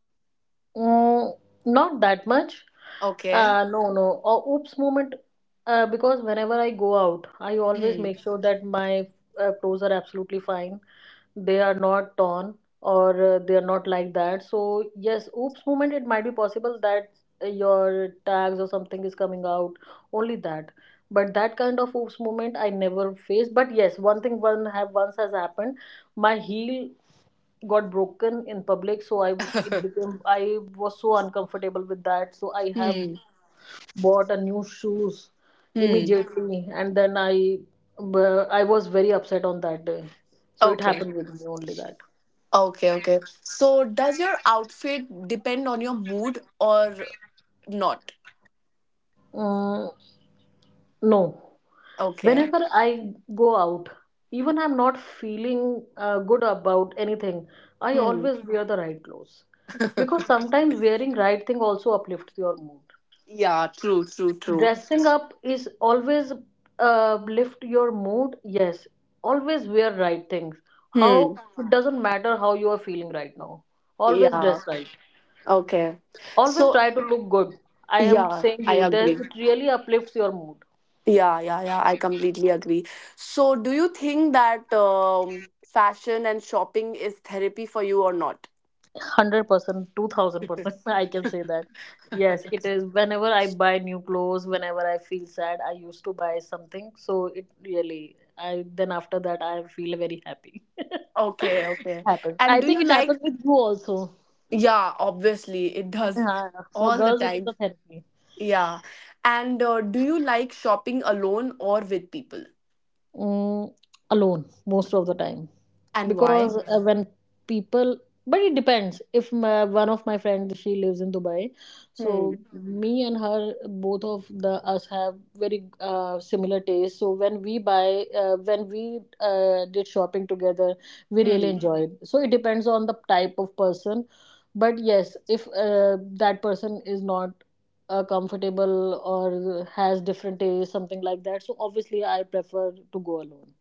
S2: Mm, not that much.
S1: Okay.
S2: No, no. Oops moment. Because whenever I go out, I always
S1: Hmm.
S2: make sure that my clothes are absolutely fine. They are not torn or they are not like that. So, yes, oops moment, it might be possible that your tags or something is coming out. Only that. But that kind of oops moment I never faced. But yes, one thing one have once has happened. My heel got broken in public, so I it became I was so uncomfortable with that, so I have
S1: Hmm.
S2: bought a new shoes
S1: Hmm.
S2: immediately, and then I I was very upset on that day, so it
S1: Okay.
S2: happened with me only that.
S1: Okay. Okay. So, does your outfit depend on your mood or not?
S2: Mm, no.
S1: Okay.
S2: Whenever I go out, even I'm not feeling good about anything, I
S1: Hmm.
S2: always wear the right clothes. Because sometimes wearing right thing also uplifts your mood.
S1: Yeah, true, true, true.
S2: Dressing up is always lift your mood, yes, always wear right things. How
S1: Hmm.
S2: it doesn't matter how you are feeling right now, always
S1: Yeah.
S2: dress right,
S1: Okay.
S2: always
S1: So,
S2: try to look good. I am
S1: yeah,
S2: saying
S1: I
S2: you there,
S1: agree.
S2: it really uplifts your mood.
S1: Yeah, yeah, yeah. I completely agree. So, do you think that fashion and shopping is therapy for you or not?
S2: 100%, 2000%. I can say that. Yes, it is. Whenever I buy new clothes, whenever I feel sad, I used to buy something. So it really, I then after that I feel very happy.
S1: Okay,
S2: It
S1: okay.
S2: happens.
S1: And
S2: I
S1: do
S2: think
S1: you
S2: it
S1: like
S2: happens with you also.
S1: Yeah, obviously, it does
S2: Yeah, for
S1: all the
S2: girls, it is
S1: time.
S2: a therapy.
S1: Yeah. And do you like shopping alone or with people?
S2: Mm, alone most of the time.
S1: And why?
S2: Because when people, but it depends if my, one of my friends she lives in Dubai,
S1: Hmm.
S2: so me and her both of the us have very similar taste, so when we buy when we did shopping together, we really
S1: Hmm.
S2: enjoyed, so it depends on the type of person. But yes, if that person is not comfortable or has different taste, something like that. So obviously, I prefer to go alone.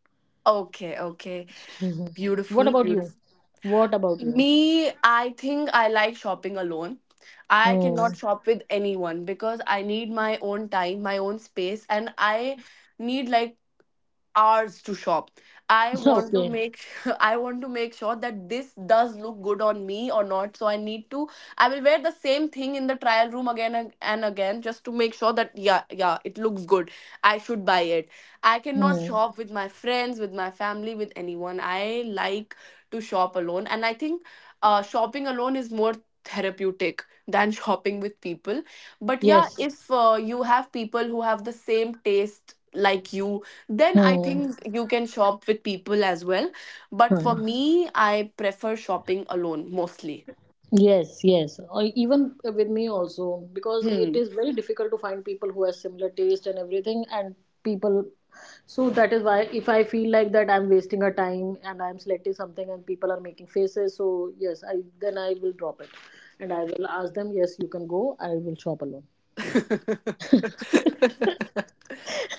S1: Okay, okay.
S2: Mhm. What
S1: Beautiful,
S2: about you?
S1: beautiful.
S2: What about you?
S1: Me, I think I like shopping alone. I cannot
S2: Hmm.
S1: shop with anyone because I need my own time, my own space, and I need like hours to shop. I want to
S2: Okay.
S1: make I want to make sure that this does look good on me or not, so I need to, I will wear the same thing in the trial room again and again, just to make sure that yeah, yeah, it looks good, I should buy it. I cannot
S2: Hmm.
S1: shop with my friends, with my family, with anyone. I like to shop alone, and I think shopping alone is more therapeutic than shopping with people. But yeah,
S2: Yes.
S1: if you have people who have the same taste like you, then I
S2: Hmm.
S1: think you can shop with people as well. But for
S2: Hmm.
S1: me, I prefer shopping alone mostly.
S2: Yes, yes. Or even with me also, because it
S1: Hmm.
S2: is very difficult to find people who have similar taste and everything, and people. So that is why if I feel like that I'm wasting a time and I'm selecting something and people are making faces, so yes, I then I will drop it, and I will ask them, yes, you can go. I will shop alone.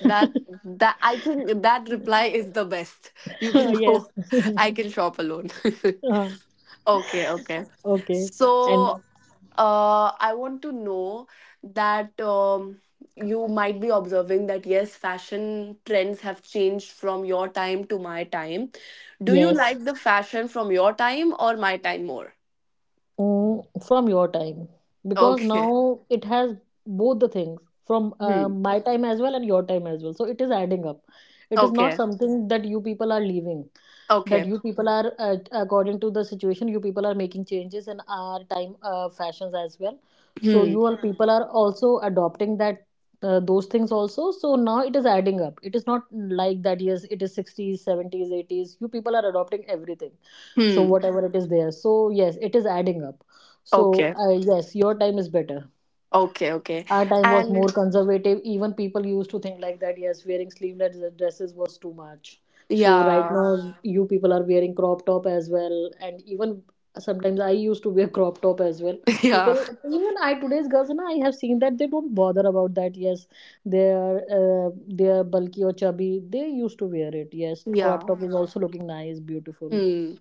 S1: that that I think that reply is the best. You can
S2: Yes.
S1: go. I can shop alone.
S2: Uh,
S1: Okay, okay.
S2: okay. And
S1: So I want to know that you might be observing that yes, fashion trends have changed from your time to my time. Do you
S2: yes.
S1: like the fashion from your time or my time more?
S2: Mm, from your time, because
S1: Okay.
S2: now it has both the things from
S1: Hmm.
S2: my time as well and your time as well, so it is adding up, it is not
S1: Okay.
S2: something that you people are leaving, that
S1: Okay.
S2: you people are according to the situation you people are making changes in our time fashions as well, so you
S1: Hmm.
S2: all people are also adopting that those things also, so now it is adding up, it is not like that, yes it is 60s 70s 80s, you people are adopting everything, so
S1: Hmm.
S2: whatever it is there, so yes it is adding up, so
S1: Okay.
S2: yes your time is better.
S1: Okay. Okay.
S2: Our time was more
S1: And
S2: conservative, even people used to think like that, yes wearing sleeveless dresses was too much. So right
S1: yeah.
S2: now you people are wearing crop top as well, and even sometimes I used to wear crop top as well,
S1: Yeah.
S2: people, even I today's girls na, I have seen that they don't bother about that, yes they are uh, they are bulky or chubby, they used to wear it, yes crop
S1: Yeah.
S2: top is also looking nice, beautiful.
S1: Hmm.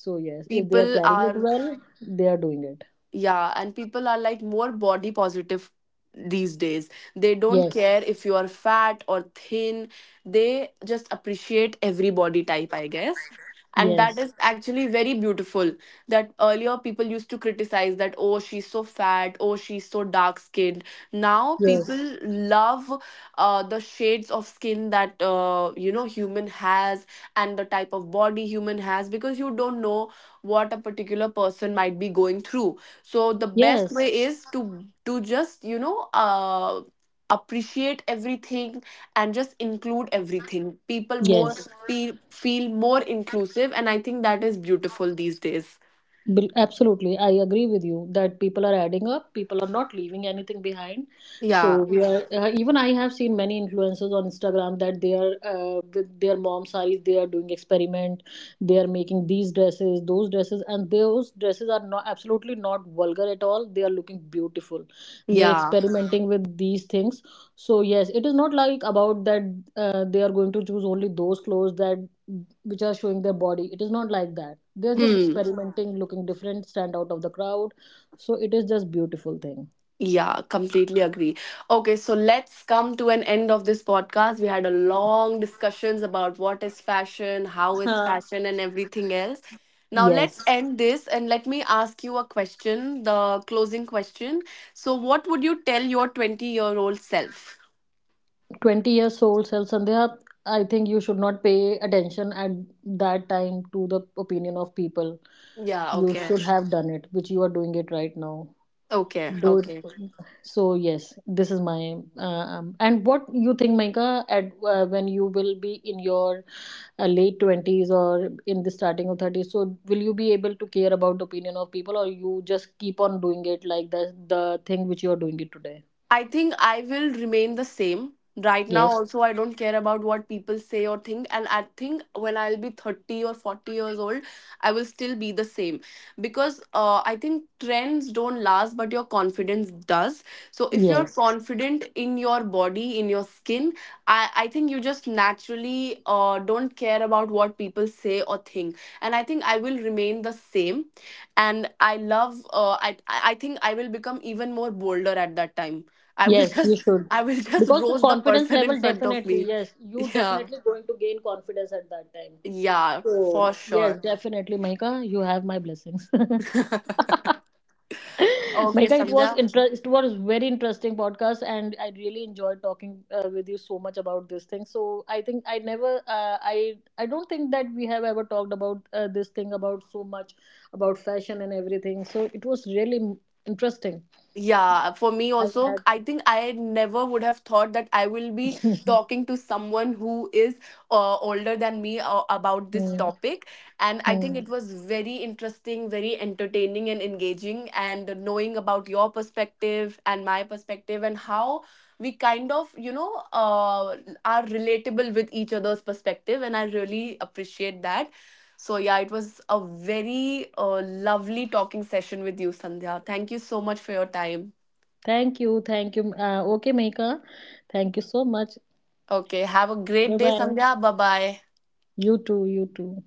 S2: So yes, if they are
S1: People
S2: carrying it
S1: are
S2: well, they are doing it.
S1: Yeah, and people are like more body positive these days. They don't
S2: Yes,
S1: care if you are fat or thin. They just appreciate every body type, I guess. And
S2: yes,
S1: that is actually very beautiful. That earlier people used to criticize that, oh, she's so fat, oh, she's so dark skinned. Now people
S2: yes,
S1: love the shades of skin that, you know, human has, and the type of body human has, because you don't know what a particular person might be going through. So the best
S2: yes,
S1: way is to just, you know, appreciate everything, and just include everything.
S2: yes.
S1: Feel more inclusive, and I think that is beautiful these days.
S2: Absolutely, I agree with you that people are adding up, people are not leaving anything behind. So
S1: Yeah,
S2: we are even I have seen many influencers on Instagram that they are with their mom saris, they are doing experiment, they are making these dresses, those dresses, and those dresses are not absolutely not vulgar at all. They are looking beautiful. They are
S1: yeah.
S2: experimenting with these things. So yes, it is not like about that they are going to choose only those clothes that which are showing their body. It is not like that. They're just
S1: Hmm.
S2: experimenting, looking different, stand out of the crowd. So it is just beautiful thing.
S1: Yeah, completely agree. Okay, so let's come to an end of this podcast. We had a long discussions about what is fashion, how is
S2: Huh.
S1: fashion, and everything else. Now let's
S2: Yes,
S1: end this and let me ask you a question, the closing question. So what would you tell your 20-year-old self?
S2: 20 years old self Sandhya, I think you should not pay attention at that time to the opinion of people.
S1: Yeah,
S2: You
S1: okay.
S2: should have done it, which you are doing it right now.
S1: Okay,
S2: Those,
S1: okay.
S2: so yes, this is my and what you think, Maika, at when you will be in your late 20s or in the starting of thirties? So will you be able to care about opinion of people, or you just keep on doing it like the thing which you are doing it today?
S1: I think I will remain the same. Right now,
S2: Yes,
S1: also, I don't care about what people say or think. And I think when I'll be 30 or 40 years old, I will still be the same. Because I think trends don't last, but your confidence does. So if you're
S2: yes,
S1: confident in your body, in your skin, I think you just naturally don't care about what people say or think. And I think I will remain the same. And I love, I think I will become even more bolder at that time. I will
S2: yes. You
S1: just
S2: should,
S1: I will just
S2: because the
S1: roast the
S2: confidence
S1: person in
S2: level
S1: front of
S2: definitely,
S1: me.
S2: yes, you
S1: Yeah.
S2: definitely going to gain confidence at that time.
S1: Yeah,
S2: So
S1: for
S2: yes,
S1: sure.
S2: definitely, Maika, you have my blessings.
S1: Okay,
S2: Manika, it was
S1: Sandhya.
S2: it was very interesting podcast, and I really enjoyed talking with you so much about this thing. So I think I never, I don't think that we have ever talked about this thing about so much about fashion and everything. So it was really interesting.
S1: Yeah, for me
S2: I
S1: also,
S2: had.
S1: I think I never would have thought that I will be talking to someone who is older than me about this
S2: Hmm,
S1: topic. And I think
S2: hmm.
S1: it was very interesting, very entertaining, and engaging. And knowing about your perspective and my perspective, and how we kind of, you know, are relatable with each other's perspective. And I really appreciate that. So, yeah, it was a very lovely talking session with you, Sandhya. Thank you so much for your time.
S2: Thank you, thank you. Okay, Manika, thank you so much.
S1: Okay, have a great
S2: Bye
S1: day,
S2: bye.
S1: Sandhya. Bye bye.
S2: You too. You too.